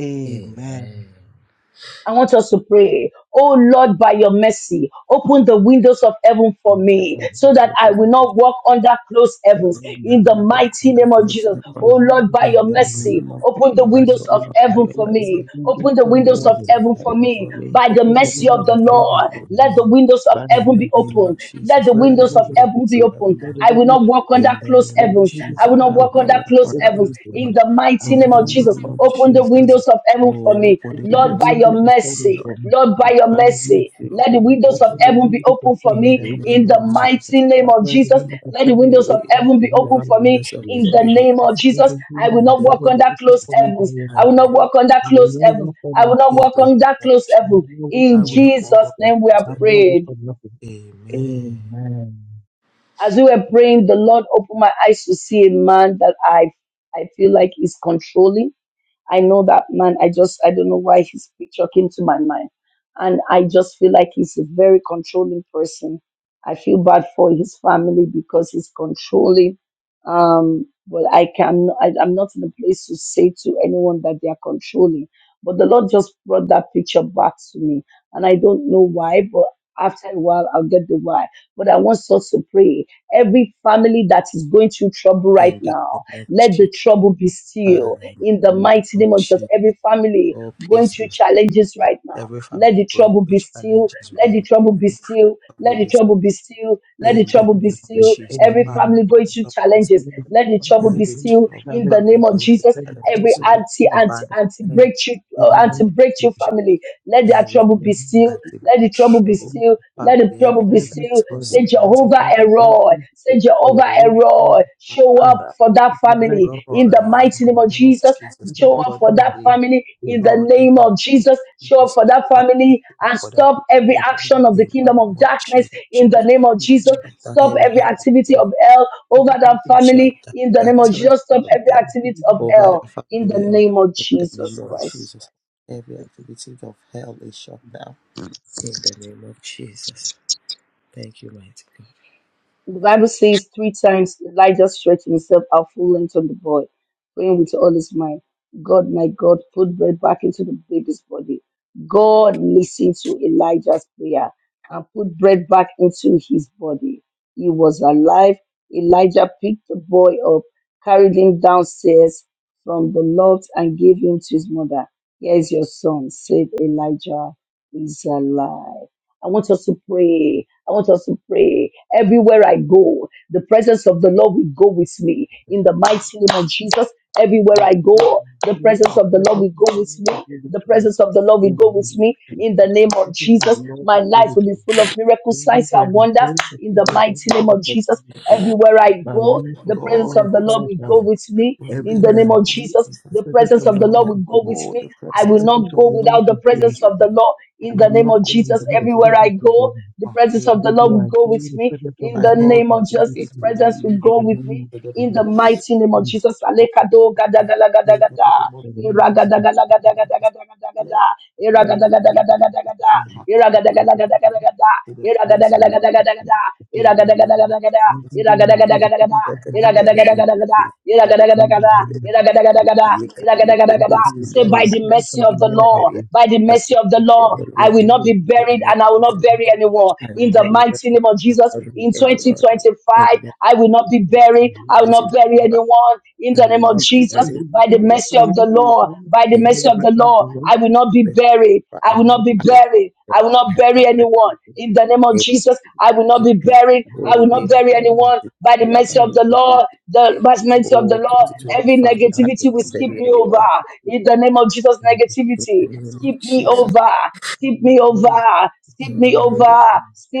Amen.
Amen.
I want us to pray. Oh Lord, by your mercy, open the windows of heaven for
In the
me
name
so
of
that
Lord,
I
as
will
I
Jesus.
not walk under closed
said,
heavens.
I
In
Amen.
the
will not walk
mighty
on that
name of
road
Jesus.
step
Open your
on.
Oh Lord,
windows
by
of
In
your
the
heaven
mercy,
name of
open the
by His
Jesus, O
windows of
Lord,
mercy.
by
heaven
your
for
Open
me.
the
mercy,
windows
Open the
open
of
the
windows of
heaven
windows of
heaven
for
for
me.
heaven
me.
for me.
By the
Open the
mercy
Open
windows
the
of the
of
windows of
heaven
Lord,
for
heaven
me
for
let the
me.
windows of
by
In
your
heaven
the
be
mercy.
name of
open. Let
Jesus,
the
Let
Father,
the
let
windows of
the
heaven
heaven
windows
be
of
be.
open.
heaven be
Let the
I will
opened.
not
windows be
walk
open.
under
In the
closed
name
Let
of
the
heavens.
windows
I will
of
Jesus,
not
I
walk
will
heaven
walk
not
under
walk
be
closed
on that
heavens
open
ghost
for me.
in
heaven.
the
I
mighty
will
In
name
the
of
not look
Jesus.
name
on
of
the
Open
face
the
Jesus,
heaven.
windows of heaven for
oh,
me,
open the
Open the
Lord,
windows
by
of
your
windows
heaven
of
for me,
heaven
mercy,
for
Lord.
me
Lord, by
I
your
by
pray
your mercy.
mercy.
mercy,
Let the
open the
windows of
windows
Open
of
the
heaven
heaven.
be
windows of
open for
In
heaven,
me
they
the
in
open
name
to
the
of
me.
Jesus,
mighty name of
Father,
Let the
Jesus.
I am
windows of
Let the
heaven be
windows of
asking,
open
heaven
for
be
me
let
open
by
the
for
your
me
windows
mercy,
of
O
in
heaven
Lord.
the
be
name
open
of
for
Let
me.
Jesus.
the
I will
windows
In
of
not
the name
walk
heaven
of
be
under
open
closed
for
Jesus,
me by
heavens.
your
I
I will
will
not
mercy.
not walk
walk
on
under
You
the ghost
closed
will not
heaven.
heavens.
work on
I will
your
not
In
walk
the
creatures.
name
under
of
closed heaven.
You
Jesus,
will not work
In
I
on
will
your
not walk
Jesus'
on
creatures.
the
name we
ghost
are
heaven.
I'm not work
prayed.
on nothing.
Amen.
Amen.
As we were praying, the Lord opened my eyes to see a man that I I feel like is controlling. I know that man. I just I don't know why his picture came to my mind, and I just feel like he's a very controlling person. I feel bad for his family because he's controlling. Um, but I can I, I'm not in a place to say to anyone that they are controlling. But the Lord just brought that picture back to me, and I don't know why. But after a while, I'll get the why. But I want us to pray Every family that is going through trouble right
In the
now,
name of
let the
Jesus,
trouble be
Father,
still.
in
In the
the name
mighty
of
name of Jesus,
Jesus,
every family
all
going
peace
through
be still.
challenges right now.
Every family
Let the
going
trouble
through
be still.
challenges
Let
right
the trouble
now.
be
Every
still.
trouble
Let the
be
trouble be
still.
still.
That
Let
is
the
In the
trouble
trouble
be
name
to
of
sleep.
still.
Jesus,
Amen.
Every
In the
Father,
name of
family
every
going through
Jesus.
trouble be
challenges.
In the
still.
name
Let the
of
trouble
Father, we
be
Every
thank
still.
you,
trouble,
In the
challenge.
family
name of
going through
Jesus,
That is
every
challenges, oh
trouble to
Lord.
anti,
sleep.
anti,
Father,
anti
Yes.
in
breakthrough,
In
the
the
uh,
name
anti
name of
of
breakthrough
Jesus.
family.
Jesus,
Let their
every
trouble
In the
be
name
still.
anti
Let the trouble be
breakthrough,
of
still. Let the
family,
trouble be
everything that
every
still.
is
trouble,
Say
causing anti
every
Jehovah
problem,
breakthrough.
Eroi. Say Jehovah
Oh,
every
Eroi. Show
Yeah.
up
Father.
for that
It's a great
family
message.
in the
Roy, in
mighty
Okay.
name
the
of
name of
Jesus.
Jesus,
It's a
that
Show
the
great
up
God that
for
song.
that
saves,
family
Yeah.
in the
Lord, in
name
the name
of
It's
Jesus.
of
Show up
Jesus,
for
nice,
that
Father,
family
show up
and
for that
stop every
but
family.
it's
action of the
In the
not
kingdom of
name of
darkness
Jesus,
that
in the
great.
Lord,
name of
It's
Jesus.
shut down
Stop
every
every
something that
activity
activity,
of hell over
my country
that
is
shut
family
down
in the
the
name of
not as
activities
Jesus. Stop
good
of
as
every
hell
the
activity of
Caribbean and
over the
the
hell in the
family of,
Caribbean,
name of
in the name
Jesus
of
but
Christ.
Jesus. Every
they
activity of hell is shut down. In the name of Jesus. Thank you, mighty God.
The Bible says three times Elijah stretched himself out full length on the boy, praying with all his mind. God, my God, put bread back into the baby's body. God listened to Elijah's prayer and put bread back into his body. He was alive. Elijah picked the boy up, carried him downstairs from the loft, and gave him to his mother. Here is your son, said Elijah. He's alive. I want us to pray. I want us to pray. Everywhere I go, the presence of the Lord will go with me. In the mighty name of Jesus, everywhere
have
I go,
Everywhere
the
We need
presence
to
of the Lord
protect
will
the
go with
world of
me. The
liberty
presence of the Lord will
in the
go with
name of
me. In the
Jesus.
name
The
of
presence of
Jesus,
the Lord
my
is
life will be
liberty.
full of miracles, signs,
Everywhere
and
I go,
wonders.
the
In
presence
the
of
Lord,
mighty
the Lord
name of
is
Let
Jesus,
with me.
God
everywhere I
My
go,
let
life
God
of
the
the
presence
full
of
of
the
goes
Lord
size
will
with
now.
me.
go with me
In
in
the
the
Everywhere
name
name
I
of
go,
of
Jesus,
the
the
Jesus,
presence
presence
of the
of the Lord
Lord
everywhere
will
is
I
with
go
me.
with
go,
me.
the
I
The
will
presence of
presence
not
of
God
go
the Lord
without the
will go with me.
goes
presence of
with
the
me.
Lord.
I
I
will
In the
not
name
will not
go
of
go
without
Jesus,
the
without the
presence
everywhere
of
I
presence of the
go,
Lord.
the
God.
presence
In
of the
the
Lord
name
Everywhere
will
of
I
go
go,
with
Jesus,
the
me.
presence of
In
the
my
the
head,
Lord
name
will
of
my
go
Jesus,
with
His
faith
me.
will not
presence will
lead
In
go
the
me
with
name
me.
of
to the
In the
Jesus.
place
mighty name of
In
Jesus.
of
Alekado gada
sorrow.
gada gada
In the
gada.
name of
the name of
Jesus,
Jesus.
oh my
Iragadagadagadagadagada.
destiny,
In the
in
name of
the name of
Jesus.
Jesus,
Iragadagadagadagadagada.
my heart
In the name of
will not lead me
Jesus.
Iragadagadagadagadagada.
to the place of
No. it's not.
Iragadagadagadagadagada.
It's
in the
not.
name of
Iragadagadagadagadagada.
Jesus,
Everywhere I
my
go,
God,
the
Iragadagadagadagadagada.
presence of
let the
the Lord will go
television
with
Iragadagadagadagadagada.
is that it is
me. In the
Iragadagadagada.
name of
delivered.
Jesus.
Iragadagadagada.
you can be
Iragadagadagada.
proposed
Everywhere
in
I
Say,
that
go, the
by
you
the
are
presence
that the
mercy
of the
of the
Lord will
Lord,
go
television
with me.
by the
by
mercy
the mercy
of the
of
Lord,
the
Thank
I
you,
Lord,
will not be
Lord.
by the
buried and
mercy
I will
of
not
the
Thank
bury anyone. In the mighty
Lord.
name of
I will not
Jesus,
be very with
you,
in
Lord.
anyone
2025,
in
I will not be
Thank
buried. I
the
will not
you,
visit.
Lord.
bury anyone. In the
I
name
will
of
not
You
of
take
be
Jesus,
the
very
by the
river,
full of
I
mercy
will
of
go,
the
and
Lord,
then
by the
in the
the
mercy of the
liberation of the
Lord,
world,
I will not be
visit.
buried.
I
I
and
will not
not be
be
back
buried. I will
will
not
have
bury
out
very
in the
anyone. In the name of
faith,
Jesus, I will not be
Jesus.
country,
buried.
and not
I
Oh,
will not
yeah,
go
bury anyone.
anyone,
By the mercy of
Alabali,
the
propose.
Lord,
Yeah.
the by the
not
mercy of the
Oh,
Lord,
even
every
2025, I
down
will
negativity
with
will
the
not
skip
back
bury
me over.
anyone.
to
In the name of Jesus,
the
In the
negativity,
name
skip
of
me
back.
Jesus.
over, skip me
One of
over, skip me
the
In the
that
over,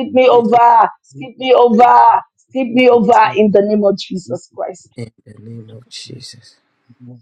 she
me
name of Jesus.
over, skip
is
me over,
suffering,
skip
thank
me
you for
over.
signing.
In the name of
Thank
Jesus
you
Christ.
for signing.
In the name of
Thank
Jesus.
you, Lord.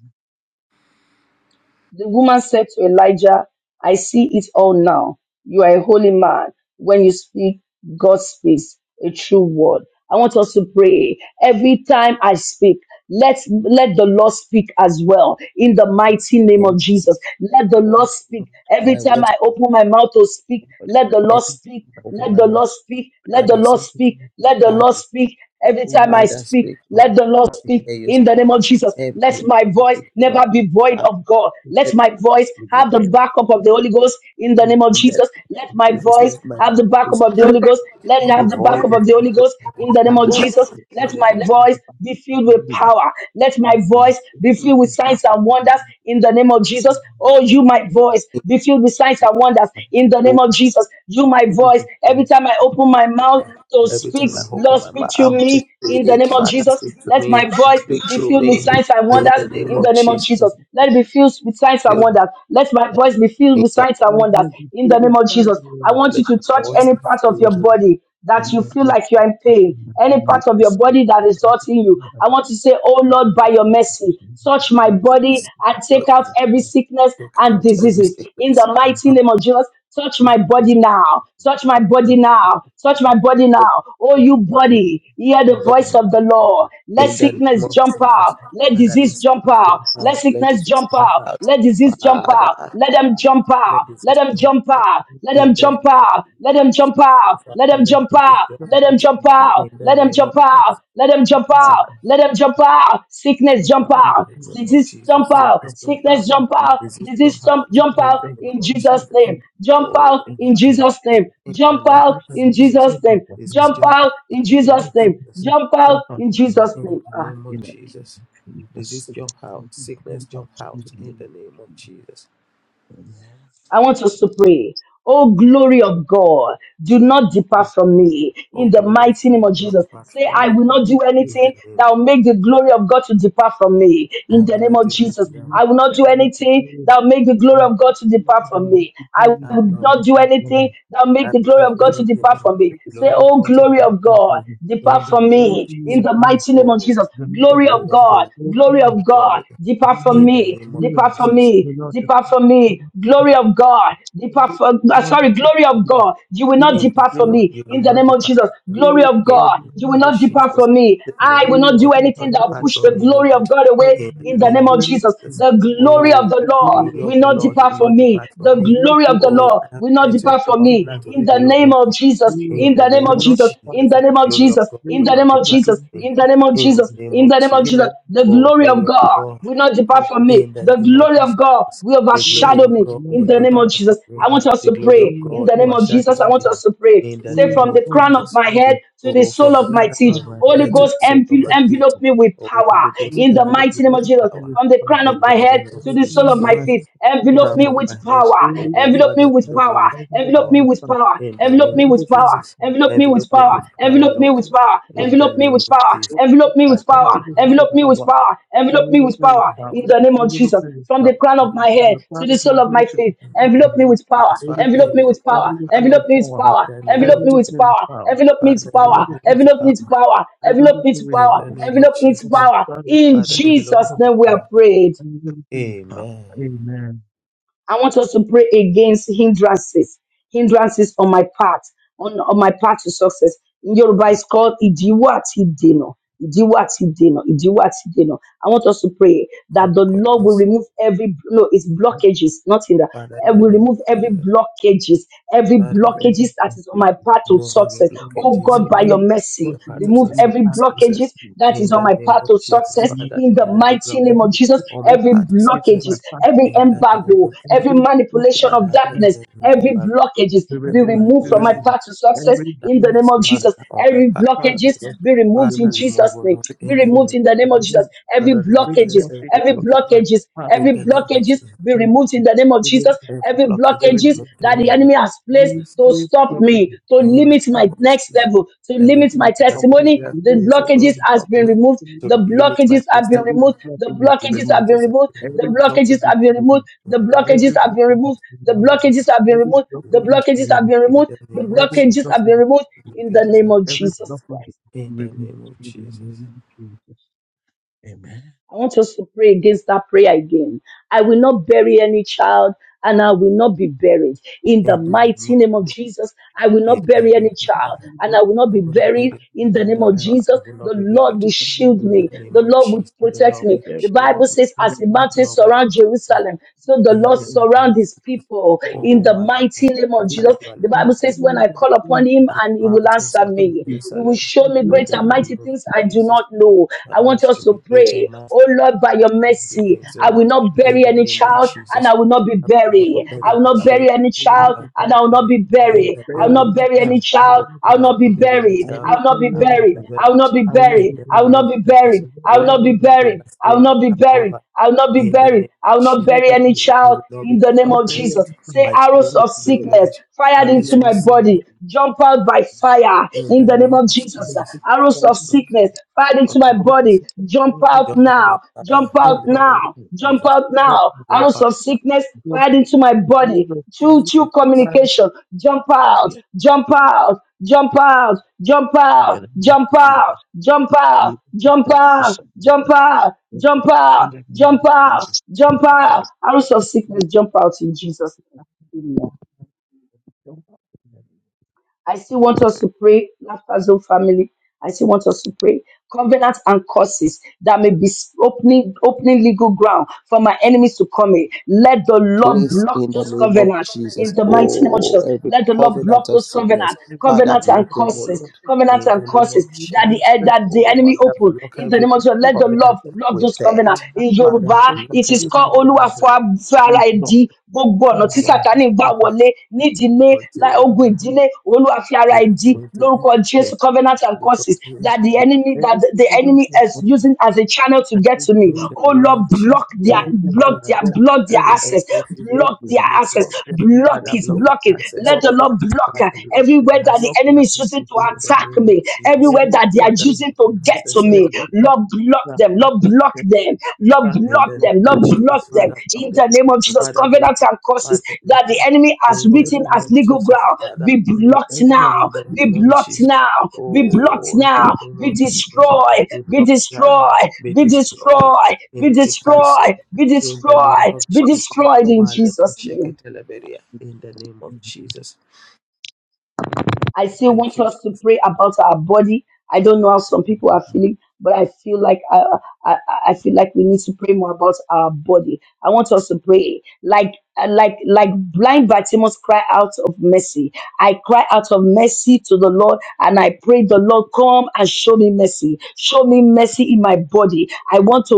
The woman said to Elijah, I see it all now. You are a holy man. When you speak, God speaks a true word. I want us to pray every time I speak. Let let the Lord speak as well in the mighty name
Amen.
of Jesus. Let the
Oh,
Lord
Thank you, Lord.
speak every
my
time
words,
I open my mouth to speak.
Lord.
Let the
Every
Lord speak.
over
Let
my
the
mouth.
Lord speak. Let the
Father, speak.
Lord
Thank you,
speak.
Lord.
Let the
Father,
Lord speak Every
All
time I
of us
Father,
speak,
speak. Lord.
let the
coming.
Lord
We
speak
hear you.
in
speak,
the name of Jesus.
Every
Let
Yes.
my
Thank
voice
speak,
never
Lord.
you.
be void
Father,
of God.
Thank
Let
you,
my voice have the backup of the Holy Ghost in the name of
in the name
Jesus. Let my
of Jesus,
voice
let my
have the backup
voice
of the Holy Ghost. Let it
be
have the
void
backup of the
of
Holy Ghost in the name
Holy
of Jesus. Let my
Ghost.
voice be filled with power. Let my voice be filled with signs and wonders in the name of Jesus. Oh, you, my voice, be filled with signs and wonders in the
Oh,
name of Jesus. You, my voice, every time I open my mouth, to
Every time
speak.
I open
Lord,
my
speak
mouth
through
to
me in the
speak,
name of
Father,
Jesus.
speak to
Let
me,
my voice
speak
be
through
filled with
me.
signs and
In
wonders
the name
in
of
the name of
Jesus,
Jesus. Let it be filled with signs and wonders. Let my voice be filled with signs and wonders in the name of Jesus. I want you
Let my
to touch
voice
any
be
part of your
filled, O Lord,
body that
in
you
the name of
feel
Jesus.
like you are in pain, any part of your body that is hurting you. I want to say, Oh Lord, by your mercy, touch my body and
Lord,
take
my
out every sickness
break
and
out every
diseases in the
sickness.
mighty name of Jesus. Touch my body now. Touch my
Father,
body now. Touch my body
Lord,
now. Oh,
This
you
is the body.
body, hear the
In the
Lord,
voice
name of
of the
Jesus,
Lord. Let
In the name
sickness
touch
of
me,
jump
God. In
out.
Jesus.
Let
Father, let
disease jump
sickness
out.
jump
Let
out. Let
sickness
disease
jump
jump
out.
out.
Let disease
the name of
jump out.
Father,
Let them
Jesus,
jump
touch
out.
let
Let
disease
them
jump
jump
out.
out.
me, God. In
Let them
In the name
jump
of
out. Let them jump out.
Jesus.
the
Let
name
Father,
them
let
of
jump
disease
Jesus,
out.
jump
jump
Let them
out of
out.
jump
me, God.
out.
In
Jump
the
Let them
out of
name
jump
of
me, God.
out.
Jesus.
Let them jump
Sickness and
out.
Father,
Let them jump out. Sickness
jump
jump
out.
in
out.
the name of
Disease jump
Jesus.
Sickness
out.
Sickness
jump out.
jump
Sickness
out.
Disease
jump
jump
out.
out.
Disease
Disease
jump
jump
out.
jump
Sickness
In
out
the
jump
name
out.
in
of
Jesus'
Disease
Jesus.
name.
jump out.
Jump out
Oh,
In the
in
name
Father.
of
Jesus' name.
Jesus.
In the
Jump
name
out
of
Sickness and
in
disease
Jesus.
Jesus'
jump
name.
out of
This
me,
is
Jump
God.
jump out
out in
in the name
Jesus'
of
Sickness and
name.
Jesus.
disease
Jump out
jump out of
in
me. God.
Jesus'
In
name.
the
Ah.
name
In
of
the name
Jesus.
of Jesus,
This is jump
sickness and
out.
disease
Sickness
jump out.
jump
In the
out in
name
the
of
name of
Jesus.
Jesus.
I want us to pray. Oh, glory of God, do not
Oh,
depart from me
Oh
in the
glory of
mighty
God.
God,
name of
not
Jesus.
depart
Say,
from
I
me.
will
Oh,
not do
God.
In the
anything
name.
that will make the glory of God to depart from me
I
in the
will
name
not do
of
Let
Jesus.
anything
me
that will
make
I will not
it
do
and make it
anything
holy.
that will make the
I
glory
will
of God to
make
depart
it
from
and make
me.
it
I
holy
I
and
will
will
come to
not
the
not do
path of me.
anything that will
I
make the
will
glory
not
of
do
God
Let
to
me
anything
make it
that
depart
and
will
from me.
make
the
it
Say,
glory
holy
of
and
Oh,
God to
come
glory
to the
depart
of
path
from
God,
of me.
me. In
depart
the
from
name
Holy
of
me in
Jesus.
of
the
God,
mighty name of
Oh
Jesus.
the Lord
the
is
Glory
my
of
glory of
God.
God
God,
will
Holy,
glory
you,
of
depart from
God,
me.
the
depart deeper for
In
rich,
the
me,
name of
you of
deeper for
God,
Jesus.
the
me,
Lord is
deeper for me.
my God.
Glory of God, deeper
Holy,
for,
the
uh,
Lord is
sorry,
my
glory of
God.
God. You will
The
not
Lord,
in the
depart
Do not, do
from
name
not
of
me
you
depart
in
will
the
not
from
name of
depart
Jesus.
from me
Glory
the
of
Lord is my God.
in
Holy of God,
God,
the
you will
name
you will
of
not
not depart from me. Holy of
depart
Jesus.
God,
from me.
The
I
glory
will
of
not
God
do
you
will
anything
not
will
that
not
depart
push
from
the
depart.
me, O
glory of
Lord,
God
I
away
in
will
the
in the
not
name
name
do
of
of Jesus.
anything.
Jesus.
The
I'll
glory of
Oh,
put
the
the
the
Lord
glory
glory
of
will
the
not
of
Lord will
depart
God.
from
not
me.
depart
The
from
I
me.
need
glory
to
of the
Oh,
Lord
I
everything
have
will
we
not
signed
do
to
depart
to
from
a
bring
me
you
covenant with
in
the
the
glory,
glory
name
of
of
God.
Jesus.
In
In
the
the name
will
name
of
of
not
Jesus.
depart
In
Jesus,
from
the name
it.
of
glory of
Jesus
God
in
will
the
We
not
name of
will
depart
do
from
Jesus,
me.
in the
nothing
name of
In
for
Jesus,
you.
the name
in
of
the name of
In
Jesus,
Jesus.
the
The
oh
glory
glory
of
of
God
God
will not
name
depart
of the
from me.
in the
The
Lord,
name of
glory
we
of God
Jesus,
will
the glory
will
overshadow
of
me
God
not
in
will
the
not
name
depart
of
depart from
Jesus.
me.
from
I want
you.
us
The
to
glory
We
of
pray
will
in
God
the name
not
of
depart
Jesus.
overshadows
I
from
want
me.
you.
us to pray.
In
We
the
Say
will
name
from
of
the
not
crown of
Jesus,
my
depart from
head
you.
to the
oh,
sole
from the
of my
From
crown
feet,
God,
of my
from
Holy
head
her
to
to
the
Ghost
sole
the
of
Son
envel-
my
of
feet,
envelope
God.
me with
oh,
power
Holy
Only
Ghost
in
this,
the
envelop
mighty
me
name of
with
Jesus.
power.
is
From the crown
fine.
of
In
my
the
head
name
And
to
the
of
the sole
King
Jesus,
of
of
my
my
from
heart
the
feet.
and the King
Envelope
crown
of my
me
of
feet.
my
with
head,
power.
Only
oh,
this,
Envelope me
Father,
with
and
envelop me
power.
with
everything
Envelope
power.
me
is
with
fine.
power.
In the
Envelope
name
me
of
with
Everything
power.
is
Jesus,
Envelope me with
envelop me
power.
fine.
with power,
Envelope me
Lord.
with power.
In the
Envelope me
name
with
of
power.
Jesus,
Holy
Envelope
Ghost,
me
Father,
with
and
power.
you
envelope
look
me
with
Envelope
with
me with
power,
power. Envelope
and you
me
look
with
with
power.
power,
power.
In the name
and
of
you look
Jesus.
with
From the
power,
crown of my
from
head
the
to
crown
the
of my
sole of my
head to the
feet.
In
sole
the
of my
Envelope
name
me
of
feet.
with power.
Jesus, Father,
Holy
Envelope
Ghost,
me
envelop
with
me
and
power.
with
you look
power.
Envelope
with
me with
power,
In
power.
the name
and
Envelope
of
you
me
look
with
Jesus,
with
power.
power,
Envelope me with
Father,
and you
power.
envelop
look
me with
with
Envelope me
power,
with
power.
power.
and you
Envelope
look
me with
with
In
power.
the
power,
name of
Envelope me with
from
Jesus,
the
power.
crown of my
In
Father,
head to the sole
envelop
of
me
Jesus'
my
with
feet.
name we are
power.
prayed.
And you look with power.
Amen.
Amen.
I want us to pray against hindrances, hindrances on my path, on, on my path to success. In Yoruba, it's called Idiwa Ati Deno. Idiwa Ati Deno. Idiwa Ati Deno. I want us to pray that
Lord
the
God,
Lord will
bless
remove every no, it's
And
blockages, not hindrance.
Father,
I
in the
will
name
remove
of
every
Jesus,
blockages, every
Father,
remove every
blockages that is on my
conflict,
path to
remove every
success.
remove
Oh
blockages,
God,
O
by
Lord.
your
every
from My
mercy,
path
blocking
is
remove
from my
success.
every
path of
success.
blockages that
In
is on
the
my
truth.
name
path
of
to
Jesus,
success
Father,
in the
remove every
mighty name
blockage.
of
Remove
Jesus.
On my
every
Every
path to
blocking from
success.
my
blockages,
path
every
In
of
the name
embargo,
of Jesus,
every
Every broken
manipulation of
Father,
woman,
darkness.
every,
Every
embargo,
be
blockages be
every
removed,
removed
be
from my
manipulation
removed.
path to success
Every
in the
blood
name
darkness,
of
baby,
Father,
Jesus.
on my
Every
path
past
of
the
blockages
darkness.
be
gospel, be
removed in
Father,
removed,
Jesus'
remove all
name.
mood
be
Be
in the
removed,
name
removed
of
in the
be
name of
Jesus.
Jesus.
removed.
Every
Father, remove
Every
blockages,
blood baby,
every
every
blocking
my
blockages,
past, is
every
in the name of
blockages
Jesus.
be
be
removed in the
removed,
name of
be removed,
Jesus.
be
Every
Every
removed.
blockage
Be
be
blockages
removed
that
in
the
removed.
the name
enemy
of
has placed
Jesus.
to
Every
stop
broken
me, to
In
in my
the
limit
name
past,
my
of
next
Jesus.
level, to
Every
limit my
in
blockage that the
testimony.
enemy has
The
community
placed, oh Lord,
blockages
to
from
has
living from
block
been
me,
the
removed.
destiny,
The
to limit my
blockages have been
testimony.
every
removed. The
blockage is
The
blockages
removed.
have been
blockages are
removed. The
Every
removed
blockages
blockage is
have been removed.
removed.
in
The
the
blockages
Every
name of
have been
blockage is
removed.
Jesus.
The
removed.
The
blockages have been
blockages
Every
are
removed. The
blockage is
removed
blockages have
removed.
been
in
removed.
the
The
name of
Every
blockages
blockage
Jesus.
is
have
removed.
been removed
The
in the
blockages
name
are
of
Every
removed
Jesus
blockage
Christ.
in the
removed
name of
in the
Jesus.
name of Jesus. Amen.
I want us to pray against that prayer again. I will not bury any child and I will not be buried. In the
In the name
mighty
of
name of
Jesus.
Jesus, I will
In
not
the
bury
name
any
of
child
We
Jesus.
and I
make
will not
I
be
will
God
not
buried.
bury
and
In
we
the
God.
name
I
of
will
prepare.
not, I
Jesus,
will not
the
be
Lord
buried.
Not
will
the name
shield
In the
me.
name
The
of
Lord will
Jesus.
of
The
protect
Lord
me.
will
prepare.
The
shield
Bible
me.
says,
In
as
the
the
name of
The
mountains
Lord will
surround
protect me.
Jerusalem, so the
In
Lord
prayer
the
and
name
surround
of
his
Jesus.
people.
not
In
the
Oh,
the
name.
mighty
Malakash,
name of
In
Jesus,
the
the
Katalabali,
Bible says, when
name
I
of
call
Prokosindaria.
upon
Jesus.
him
As
and he will
mountains
answer
Yes,
around
me.
yes.
He will
Jerusalem.
show
In
me
the
In
name
great
the
of
and mighty
name of
things I do
Jesus.
not
God.
know. I
Father,
want
show
us to
me
pray
greater
Oh Lord, by your
the
mercy,
things, oh
I will
Lord,
not
in
bury
the
any
name of
child and
Jesus.
I will not be
I
Now,
will
buried.
not bury
I will
my
not
children,
bury any
we will
and
not
child
I will not
and I will
be
not
buried
be
in
buried.
the
bury
I will
name of
not
any
bury any
child.
Jesus.
I will
child.
Oh
not
I will
Father, I
prepare.
will
not be
not bury any
I
buried.
will
child.
I
not
will not be
bury
I will
any
not
buried.
be
child.
I will
buried
not be
I will not prepare. I will not
in
buried.
bury
the
any
I will
name
child.
of
not be
I
Jesus.
buried.
will
I
not
will
Oh, my
not
prepare.
be
children
buried.
are
I will
safe,
not
they
be
are
buried.
covered
I will not be
in the
buried.
name
I
of
will
I
not
Jesus.
will not bury any child. I will not
bury any
prepare.
I
child
will not be
in the
co-
name
uh,
But
of
there is
Jesus.
buried.
some
Say
My children
arrows
little
will
of
not be
bit
sickness
buried.
fired
in
Arrows
into
of
that,
my
um,
Satan
body, jump out by fire
in
in
the
the
name
name
of
of
I think
Jesus.
it's
Jesus.
just
Arrows
that
of
I'm
Arrows
sickness fired
of
into my
not a
body, jump
little bit
out
of my
Jehovah by
now,
fire
jump
real
out
in the name
problem.
of
now,
I'm
jump
Jesus.
out
not a
now. Arrows
Jehovah,
of
by
sickness
problem.
fired into my
I
body
was just
through through
fire.
a private,
communication. Jump out,
yeah,
jump out, jump out, jump
in
out,
that name of
jump out,
Jesus,
jump
be
out,
able to
jump
stop the
out,
person,
jump out,
but
jump out,
in that name
jump
of
out,
Jesus,
jump out. Arrows of sickness, jump out in Jesus' name. Amen.
don't stop the person,
I still want us to pray, Laughter Zone family. I still want us to pray. Covenants and curses that may be opening, opening legal ground for my enemies to come in. Let the Lord
place
block
in the
those
name of
covenants in
Jesus.
the mighty name of
and
Oh,
Jesus.
every
Let the Lord block
covenant of
those
sickness,
covenants,
if it's the
Father,
covenants
name
and
block
of
them,
the
oh
curses
Lord,
Lord,
covenants
in
and
the
I
name of
curses
need
that the
Jesus.
eh,
answers
that
to
the
Oh,
the
enemy
Father,
open
block
in the
every
name of Jesus. Let the
students and
Lord
covenant
block
coaches,
with
those covenants.
and
death.
I
In
need
Father,
Yoruba,
people to
block
it is
every
give
called
me the
Olúwa
covenant, oh
fún a-
Lord,
fún
we
ara ẹ̀
block,
dí gbogbo ọ̀nà
in
tí
the
block,
name of
sátani gbà
we
Jesus.
wọlé nídìílé lá-
Every
ogun
block.
ìdílé Olúwa fi ara ẹ̀ dí
Yes,
covenant,
lórúkọ Jésù
yes.
covenants and
every
curses
covenant,
that the
every
enemy that the
Everything
the
you want
enemy
to
is
every
covenant.
using as a channel to get
every
to me.
In the
Oh
anything,
name
Lord,
of Jesus,
block their
anything you
every
can
block
think
their
covenant
that
block their
that the
can
enemy
access,
is using
support
to
block their
get
you,
me
access,
make
along.
them
block
Father,
it,
inflexible,
block the
block it.
access,
Let
O
block
the
Lord.
their
Lord block
access
uh,
to
Father,
it,
block the
everywhere that
access,
the
block
O Lord.
enemy
their
is using
access
to
to
In the
attack
it.
name of
me,
Jesus.
everywhere
every
that they are
Father,
everything,
using
block
to
the
get to
access, O
me.
Lord.
every
Lord, block
that
them. Lord,
plastic to
block
get the
them. Lord,
final
In
block
the
block
name
them. Lord,
of
block
Jesus.
them.
Father, block
In
them.
the
that
name
is
of Jesus,
blocked.
Father, block
covenants
them.
and curses
Father,
that
block
the
them.
enemy has
In the
written
Organize
name
as
of
and cut
legal
it,
Jesus.
ground
Father,
be
block
and
them.
the
blocked now.
evidence,
In the
Be
name
everything
of
is
blocked
blocked,
Jesus.
now. Be blocked
Oh, in the
now.
name
Be
of Jesus.
destroyed.
Be
Be
blocked now.
destroyed.
Be
Be destroyed.
destroyed. Be,
Be
be cancelled.
destroyed. Be
In the name
destroyed.
of
Be
Jesus.
and
destroyed in
become
Male
Jesus'
kusheke
name.
teleberia. In the name of Jesus.
I still
Thank
want
you,
us to
Jesus.
pray about our body. I don't know how some people are feeling, but I feel like I, I, I feel like we need to pray more about our body. I want us to pray like uh, like like blind Bartimaeus cry out of mercy. I cry out of mercy to the Lord and I pray the Lord come and show me mercy. Show me mercy in my body. I want to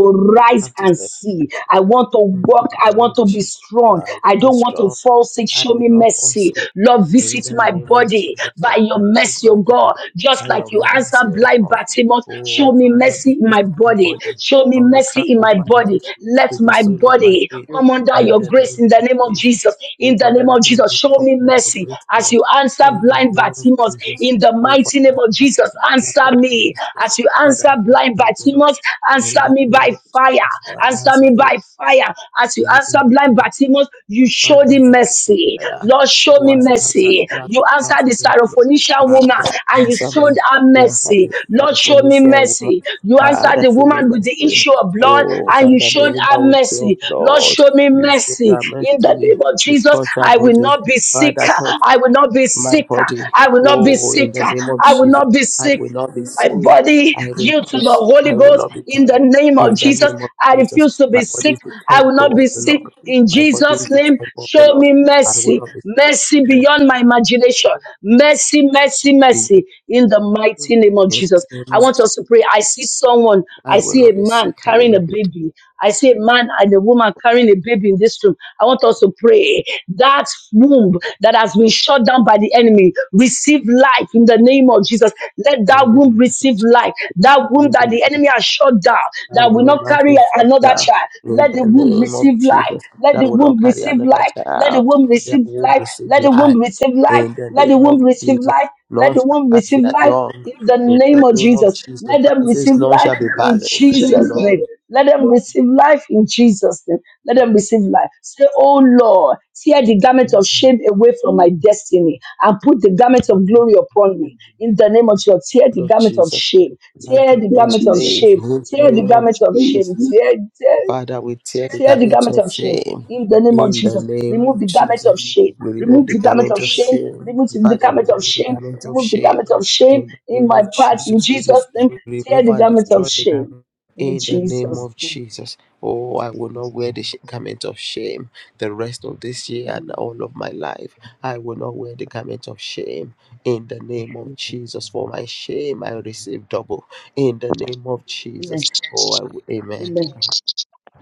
I
rise
have to
and
say, like,
see. I want to
in
walk. I
the name
want
of
to be
Jesus,
strong.
I
I don't want to
restore
fall sick.
I
Show
will
me
not
mercy.
forsake.
Lord,
In
visit
the
my
name of
body
Jesus,
by your
Father, visit
mercy,
my
oh
body
God. Just
by
like
your
you
environment.
mercy,
answered
O
blind
Lord.
Bartimaeus,
Oh,
show me
Father,
mercy
be-
in my
visit my
body.
body
Show me
from the
mercy
crown
in my
of my
body.
head
Let
to the
my
sole of my
body
feet.
come under
In
your
the
Everything,
grace
name
in the
of
name of
Jesus.
Jesus.
Oh,
In the
Father,
name of
let me
Jesus,
body
show
come
me
under your
mercy
grace, O
as you
Lord.
answer
In
everything,
the
blind
name of
Bartimaeus.
Jesus.
In the
Oh,
mighty name
Father,
of
have
Jesus, answer me.
mercy, Lord.
As you
Father,
answer
have mercy,
blind
O Lord.
Bartimaeus, answer
In the
me
name
by
of
fire.
Jesus, Father, have
everything.
Answer
mercy,
me
O Lord.
by fire. As you
In the
answer
name
I'm
blind
of
Bartimaeus, you
Father,
showed him
answer my
mercy.
prayer.
Lord, show me
Wash it, answer
mercy.
the blood,
You
but not
answered the
to the Lord.
Syrophoenician woman
Father,
and you
answer
showed
me.
her
Yes, I
mercy.
do.
Lord,
Father, for
show
me,
me
see a woman.
mercy. You answered
Father,
the
show me
woman with the
mercy.
issue of blood
Oh,
and you
Father, the
showed her
woman with your
mercy. Lord,
blood.
show me
You show
mercy.
her
In the
mercy.
name of
You
Jesus,
touch her
I will
body.
not be
Father,
sicker.
touch
I will not be
my
sicker.
body.
I will not be
Oh, in the
sicker.
name of
I will
Jesus,
not be
I
sick.
will not be
My
sick.
body
I will
due
not
to
be
the
sick. I
Holy
will
Ghost
not be
in the
down.
name of
In the
Jesus.
name of
I
Jesus,
refuse to
my
be
body
sick.
is the
I will
temple
not
of
be
the
sick.
Lord.
In
My body is
Jesus'
the
name,
temple of the
show
Lord.
me
I will
mercy,
not be sick.
mercy beyond my imagination,
Father,
mercy, mercy,
be your
mercy, in the mighty name of
name. In
Jesus.
the name
I
of-
want us to pray. I see someone,
I
I
will
see
not
a
be
man
sick. I will
carrying a
not be
baby, I see a man and a woman carrying a baby baby in this room, I want us to pray that womb that has been shut down by the enemy receive life in the name of Jesus. Let
down.
that
In the
womb
name,
receive life. That womb
in
that the
the name
enemy has shut down,
I
that will
will
not
not
carry
be shut
another child.
in
Let the
the
womb
name of
receive life.
Jesus.
Let
That
the
will not
womb
carry
receive
another
life. Let the
child.
womb
That
receive
will
life.
receive
Let the womb
life
receive life.
in the
Let the
name of
womb receive
Jesus.
life. Let
None
the
shall
womb
pass
receive
their
life
young
in the
in
name
the
of
name of
Jesus.
Jesus.
Let
But
them
it says,
receive
None
life
shall be
in
barren.
Jesus' name.
None
Let them receive life in Jesus' name. Let them receive life. Say, Oh Lord, tear the garment of shame away from my destiny and put the garment of glory upon me. In the name of Jesus, tear
Lord
the
of
garment of
Jesus.
shame.
I
Tear
join
the
you
garment of
save
shame.
in the
Tear the
name of
garment of
Jesus.
shame. Tear, tear
Father, we tear the
tear the
garment
garment
of
of shame
shame
in the name of
in the
Jesus.
name
Remove
of
the garment
Jesus.
of shame.
We remove
Remove
the
the garment
garment
of
of
shame.
shame.
Remove the
Father, we
garment of
remove the
shame.
garment of
Remove the
shame
garment of shame
in the
in
name
my
of
part in
Jesus. We
Jesus' name.
destroy,
Tear
remove
the
and
garment of
destroy the
shame
garment.
in
In the name
Jesus'
of
name.
Jesus, oh, I will not wear the sh- garment of shame the rest of this year and
Mm.
all of my life. I will not wear the garment of shame in the name of Jesus. For my shame, I receive double in the name of Jesus.
Amen.
Oh, I will, amen
Amen.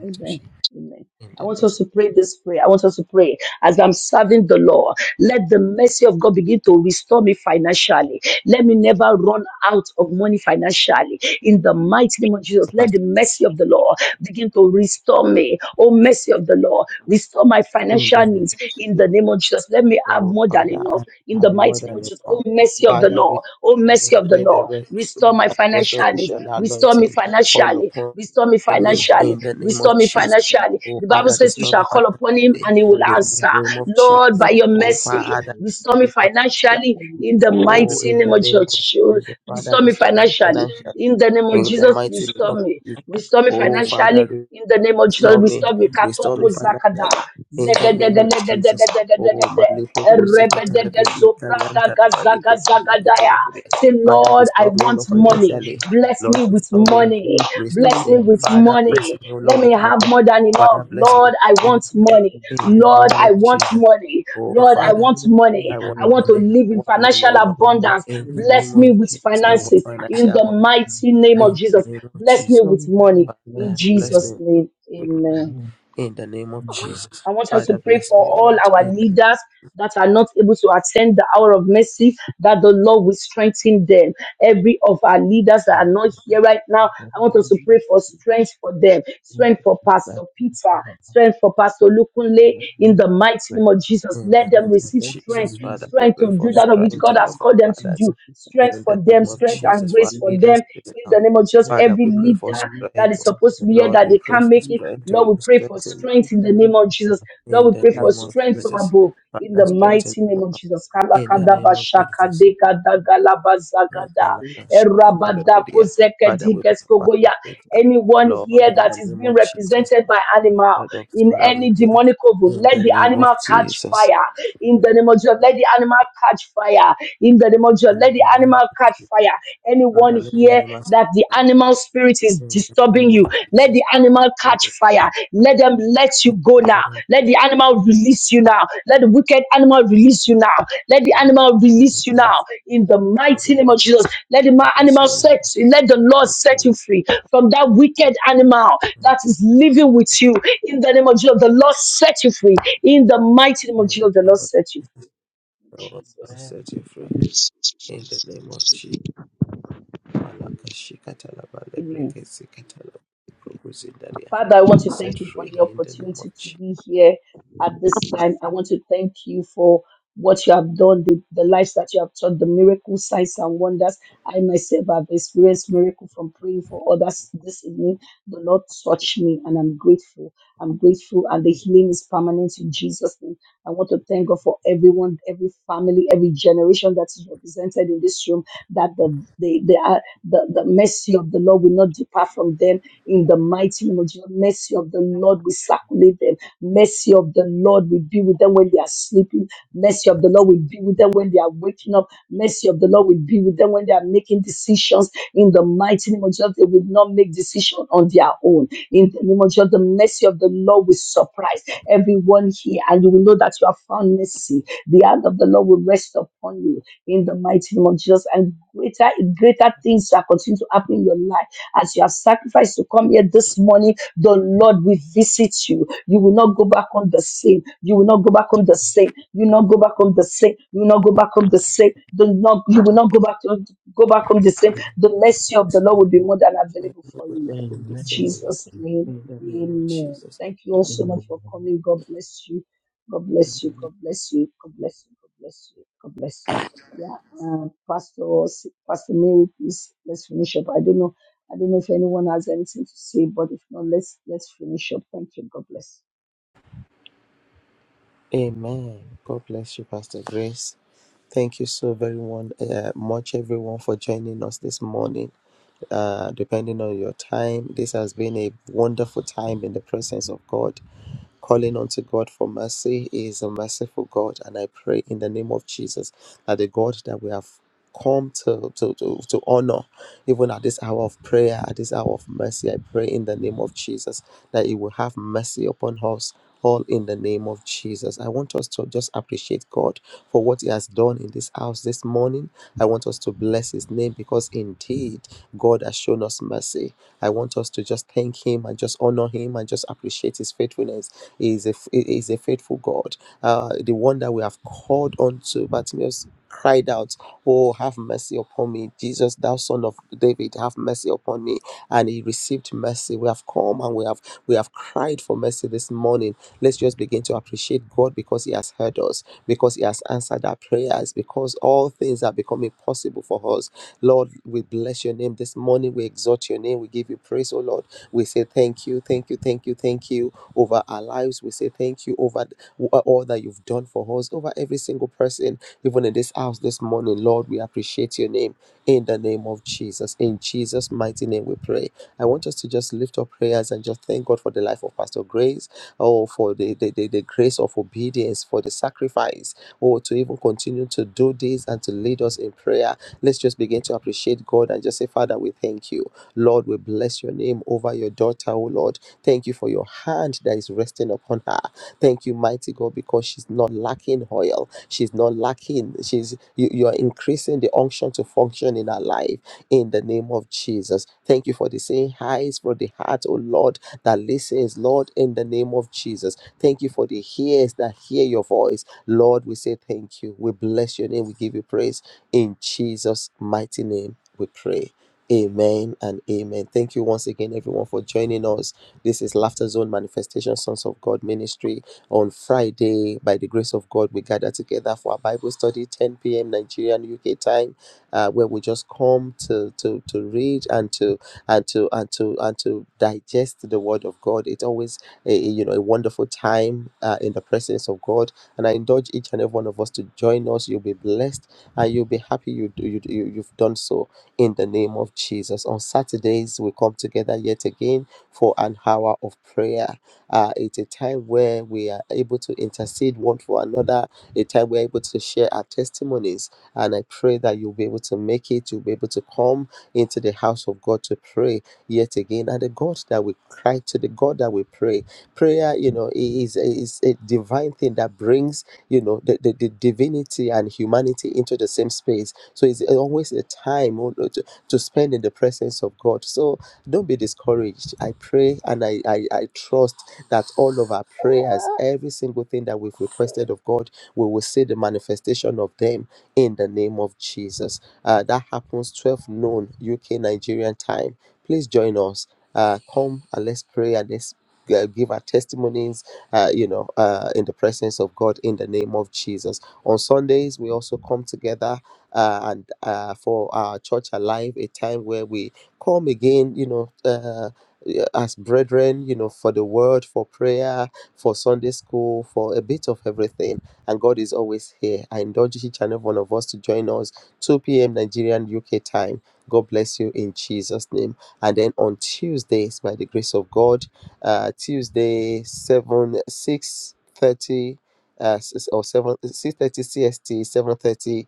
Amen. Amen.
in
I
the
want
name
us to pray this prayer. I want us to pray as I'm serving the Lord. Let the mercy of God begin to restore me financially. Let me never run out of money financially. In the mighty name of Jesus,
of
let the
Pastor.
mercy of the Lord begin to restore me. Oh, mercy of the Lord, restore my
In the
financial
name
needs.
of
In the
Jesus,
name of Jesus, let me have
oh
more than
Father,
enough.
I
In
have
the
more
mighty name of
than
Jesus, oh,
enough.
mercy of the
Father,
Lord, oh,
restore
mercy
me.
of the
let the
Lord,
rest,
restore my financial needs.
restoration
Restore me
anointing fall
financially.
upon
Restore me
Thank
me
financially.
in the name
Restore
of
me
Jesus.
financially.
Oh
The Bible
Father,
says we
restore
shall
me
call upon him
financially
and he will
in the
answer.
name of
Lord,
Jesus.
by your
Oh
mercy,
Father,
restore
restore
me
me financially.
financially in the
Oh,
mighty
in
name
the
of
name of
Jesus.
Jesus, Father,
Restore me
restore me
financially.
financially
In the name of
in the
Jesus,
mighty name
restore
of
me.
Jesus.
Restore me
Oh
financially.
Father,
In the name of Jesus,
Restore me,
restore me.
restore
Katoko
me financially.
zakada.
In the name of Jesus. Oh,
Zegedegedegedegedegede.
my little
Erebedegezobradagazagadaya. Say,
Father,
Lord, I
restore me, O
want
Lord,
money.
you.
financially.
Bless
Lord,
me with
restore
but
me,
money.
we
restore
see
Bless me
me.
from the
with
Father,
money.
bless me, O
Let
Lord,
me
with
have
money.
more than
Father,
enough.
bless me
Lord,
with
I
money.
want
distance
money.
of the
In the
Lord,
name
I
of
shadow,
want
Jesus.
money.
Oh,
the
Lord, I
Father,
want
children in the
I
money.
want
I want
river,
to
money.
live
I
in
want money,
financial
O Lord.
and we
abundance.
In
see
the
from
name
Bless
the
of
me with
Jesus, I
shadow,
want
finances
financial
in the
abundance.
mighty name of
In the
Jesus.
name of
the
Bless me
Jesus.
with
stones on the
money.
shadow,
In
Father, bless
the
Jesus'
me.
name,
With
amen.
money,
shadow,
In the name of Jesus.
I want us to
Father,
pray
bless
for
me, O
all
Lord.
our
In the,
leaders that are not able to attend the hour of mercy, that the Lord will strengthen them. Every of our leaders that are
in
not here right now, I want us to pray for strength for them, strength for Pastor Peter, strength for Pastor Lukunle, in the mighty
the
name of Jesus. Let
the
them
name of
receive strength,
Jesus. Father, we
strength
pray
to do
for
that which
strength,
God
O
has has
Lord, for
called them
our
to
fathers.
do. Strength
In the
for them,
name of
strength and
Jesus, for our
grace for them.
leaders in this
In the
house.
name of Jesus,
Father,
every
we pray for
leader that is
strength.
supposed to be here
Lord,
that
we
they
pray
can't
for
make it.
strength, O
Lord,
Lord.
we pray for
Strengthen them.
strength in the name of Jesus.
shadow,
Lord,
In
we
the
pray
We have
for
name
to
of
strength
pray.
from
Jesus.
above. In the
Father,
mighty
We
strengthen
name
them, O
of
Lord.
Jesus.
In the
have
name
to
of
pray.
Jesus.
Kalakadabashakadekadagalabazagada.
Father, we pray for Pastor
Erabadakozekedegeskogoya.
Peter.
Anyone
Lord,
here
in
that
the
is
name
being
of Jesus,
represented by animal
Pastor Dr.
in any
Ramide,
demonic oven,
in
let
the
the
name of
animal catch
Jesus,
fire. In the name of Jesus, let the animal catch fire in the name of Jesus.
in
Let the
the name of
animal catch
Jesus,
fire. Anyone
Father, let the
here
animals
that
come
the
back.
animal spirit is
in the
disturbing
name
you,
of
let
Jesus,
the animal
Lord,
catch fire. Let them let you
in
go
the
now.
name of
Let the animal release you now. Let the wicked animal release you now. Let the animal
in
release
the
you
name of
now. In the
let the
mighty name
animals
of Jesus, let the ma-
come to
animal
you now.
set. Let the Lord
in the
set you
name
free from that wicked animal that is living with you. In the name of Jesus, the Lord set you free. In the mighty name of
in the
Jesus, the
name
Lord
of
set you free.
Jesus,
In
Lord, I'll
Jesus'
Amen.
name.
set you
amen.
free, in the name of Jesus, Malaka Shikatala,
Amen.
Balebrekesi Katala, Prokusindaria.
Father, I want to
set
thank you for
free
the
in the name of
opportunity to
Jesus.
be here at this time. I want to thank you for what you have done, the, the lives that you have taught, the miracle signs and wonders. I myself have experienced miracle from praying for others this evening. The Lord touched me and I'm grateful. I'm grateful and the healing is permanent in Jesus' name. I want to thank God for everyone, every family, every generation that is represented in this room, that the, the, the, uh, the, the mercy of the Lord will not depart from them in the mighty name of Jesus. Mercy of the Lord will circulate them. Mercy of the Lord will be with them when they are sleeping. Mercy of the Lord will be with them when they are waking up. Mercy of the Lord will be with them when they are making decisions. In the mighty name of Jesus, they will not make decision on their own. In the name of Jesus, the mercy of the Lord will surprise everyone here, and you will know that you have found mercy. The hand of the Lord will rest upon you in the mighty name of Jesus, and greater greater things shall continue to happen in your life as you have sacrificed to come here this morning, the Lord will visit you. You will not go back on the same. You will not go back on the same. You will not go back on the same. You will not go back on the same. Do not, you will not go back to, go back on the same. The mercy of the Lord will be more than
I am
available
not
for
going
you.
back on
In
the
Amen.
same way.
Jesus' name,
In the name of
amen.
Jesus.
Thank you
I
all
am
so
not going
much
Amen.
for coming. God bless you. God
in
bless you.
the
God bless you. God bless you. God bless you. God bless you. Yeah, um, Pastor, Pastor Mary, please let's finish up. I don't know I don't know if anyone has anything to say, but if not, let's let's finish up. Thank you. God bless.
name. Amen. God bless you, Pastor Grace. Thank you so very one, uh, much, everyone, for joining us this morning. Uh, depending on your time, this has been a wonderful time in the presence of God. Calling unto God for mercy He is a merciful God, and I pray in the name of Jesus that the God that we have come to, to, to, to honor, even at this hour of prayer, at this hour of mercy, I pray in the name of Jesus that He will have mercy upon us. All in the name of Jesus. I want us to just appreciate God for what He has done in this house this morning. I want us to bless His name because indeed God has shown us mercy. I want us to just thank Him and just honor Him and just appreciate His faithfulness he is a he is a faithful God. Uh, the one that we have called on to, Bartimaeus cried out, Oh, have mercy upon me. Jesus, thou son of David, have mercy upon me. And he received mercy. We have come and we have we have cried for mercy this morning. Let's just begin to appreciate God because He has heard us, because He has answered our prayers, because all things are becoming possible for us. Lord, we bless your name this morning. We exalt your name. We give you praise, oh Lord. We say thank you, thank you, thank you, thank you over our lives. We say thank you over th- uh, all that you've done for us, over every single person, even in this house this morning. Lord, we appreciate your name in the name of Jesus. In Jesus' mighty name, we pray. I want us to just lift up prayers and just thank God for the life of Pastor Grace, oh, for the, the, the, the grace of obedience, for the sacrifice, oh, to even continue to do this and to lead us in prayer. Let's just begin to appreciate God and just say, Father, we thank you. Lord, we bless your name over your daughter, oh Lord. Thank you for your hand that is resting upon her. Thank you, mighty God, because she's not lacking oil. She's not lacking. She's you, you're increasing the unction to function in her life in the name of Jesus. Thank you for the same eyes for the heart, oh Lord, that listens, Lord, in the name of Jesus. Thank you for the ears that hear your voice. Lord, we say thank you. We bless your name. We give you praise. In Jesus' mighty name, we pray. Amen and amen. Thank you once again, everyone, for joining us this is Laughter Zone Manifestation Sons of God Ministry. On Friday, by the grace of God, we gather together for our Bible study, 10 p.m. Nigerian UK time, uh, where we just come to to to read and to and to and to and to digest the Word of God. It's always a, a, you know a wonderful time uh, in the presence of God, and I indulge each and every one of us to join us. You'll be blessed and you'll be happy you do you, you you've done so in the name of Jesus. On Saturdays we come together yet again for an hour of prayer. Uh, it's a time where we are able to intercede one for another, a time we're able to share our testimonies. And I pray that you'll be able to make it, you'll be able to come into the house of God to pray yet again. And the God that we cry to, the God that we pray. Prayer, you know, i- is, is a divine thing that brings, you know, the, the, the divinity and humanity into the same space. So it's always a time oh, to, to spend in the presence of God. So don't be discouraged. I pray and I, I, I trust that all of our prayers, every single thing that we've requested of God, we will see the manifestation of them in the name of Jesus. Uh, that happens 12 noon UK Nigerian time. Please join us. Uh, come and let's pray and let's uh, give our testimonies, uh, you know, uh, in the presence of God in the name of Jesus. On Sundays, we also come together uh, and uh, for our church alive, a time where we Come again, you know, uh, yeah, as brethren, you know, for the word, for prayer, for Sunday school, for a bit of everything. And God is always here. I indulge each and every one of us to join us 2 p.m. Nigerian UK time. God bless you in Jesus' name. And then on Tuesdays, by the grace of God, uh, Tuesday 7 six thirty uh, s- or 7 6 30 CST, seven thirty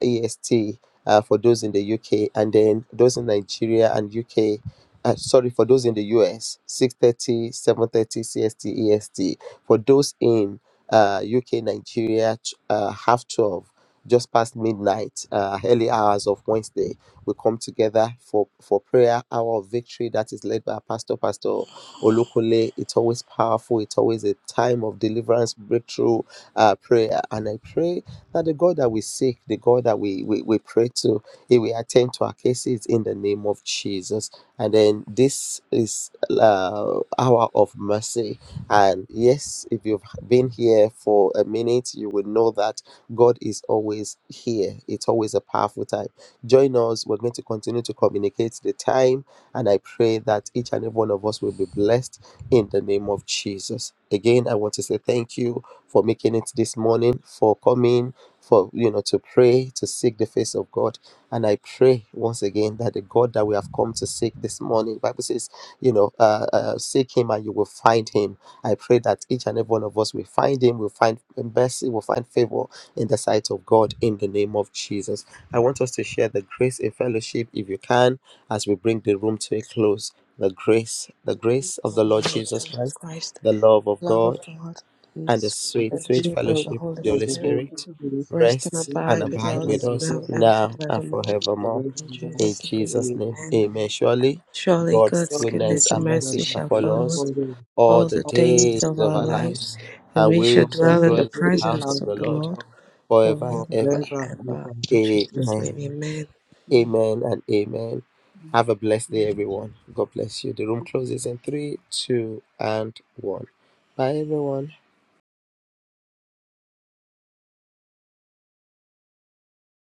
EST uh, for those in the UK, and then those in Nigeria and UK. Uh, sorry for those in the US, six thirty, seven thirty 7:30 CST, EST. For those in uh, UK, Nigeria, ch- uh, half 12, just past midnight, uh, early hours of Wednesday, we come together for, for prayer, hour of victory that is led by our Pastor, Pastor Olukole. It's always powerful. It's always a time of deliverance, breakthrough, uh, prayer. And I pray that the God that we seek, the God that we, we, we pray to, He will attend to our cases in the name of Jesus. And then this is uh, hour of mercy. And yes, if you've been here for a minute, you will know that God is always here. It's always a powerful time. Join us. We're going to continue to communicate the time. And I pray that each and every one of us will be blessed in the name of Jesus. Again, I want to say thank you for making it this morning, for coming for you know to pray to seek the face of god and i pray once again that the god that we have come to seek this morning bible says you know uh, uh, seek him and you will find him i pray that each and every one of us will find him will find mercy will find favor in the sight of god in the name of jesus i want us to share the grace in fellowship if you can as we bring the room to a close the grace the grace of
of
the lord
our Lord
jesus
Jesus
christ
Christ,
the love of
love
god
of God, and the
and the
sweet
And
sweet,
the
sweet
priest
fellowship of
of
the
The
fellowship of
Holy
the Holy
the
fellowship
Spirit
Holy
of
Spirit
the Holy
Spirit,
Spirit.
rest and
rest
we and
and
abide with
the
abide
God
Mm,
with
us
who
us
is
now
mm,
and
mm,
now and
forevermore.
mm,
forever
forevermore.
In
and
In
Jesus' name,
ever.
Jesus' name,
amen.
Amen.
mm,
amen. Surely
Surely
God's
God's
God
goodness
goodness
bless
and
and
you,
mercy
mercy
and
shall
shall
we can
follow
follow
us
us
follow the
all
all
the
the
promise of
days
days of
Jesus,
of
our
our
and
lives,
lives,
and
and
we
we
shall
shall
dwell
we
in
dwell
the
can
in
do
mm,
the
the
house of
presence
house
the
of
of
the
Lord
Lord
God
forever and
forever
ever.
and
forever and
ever.
ever.
In Jesus'
Amen.
name, amen.
mm, mm,
Amen and amen. Have a
mm,
blessed day,
mm.
everyone. God bless you. The room
Thank you.
closes in three, two, and one. Bye, everyone.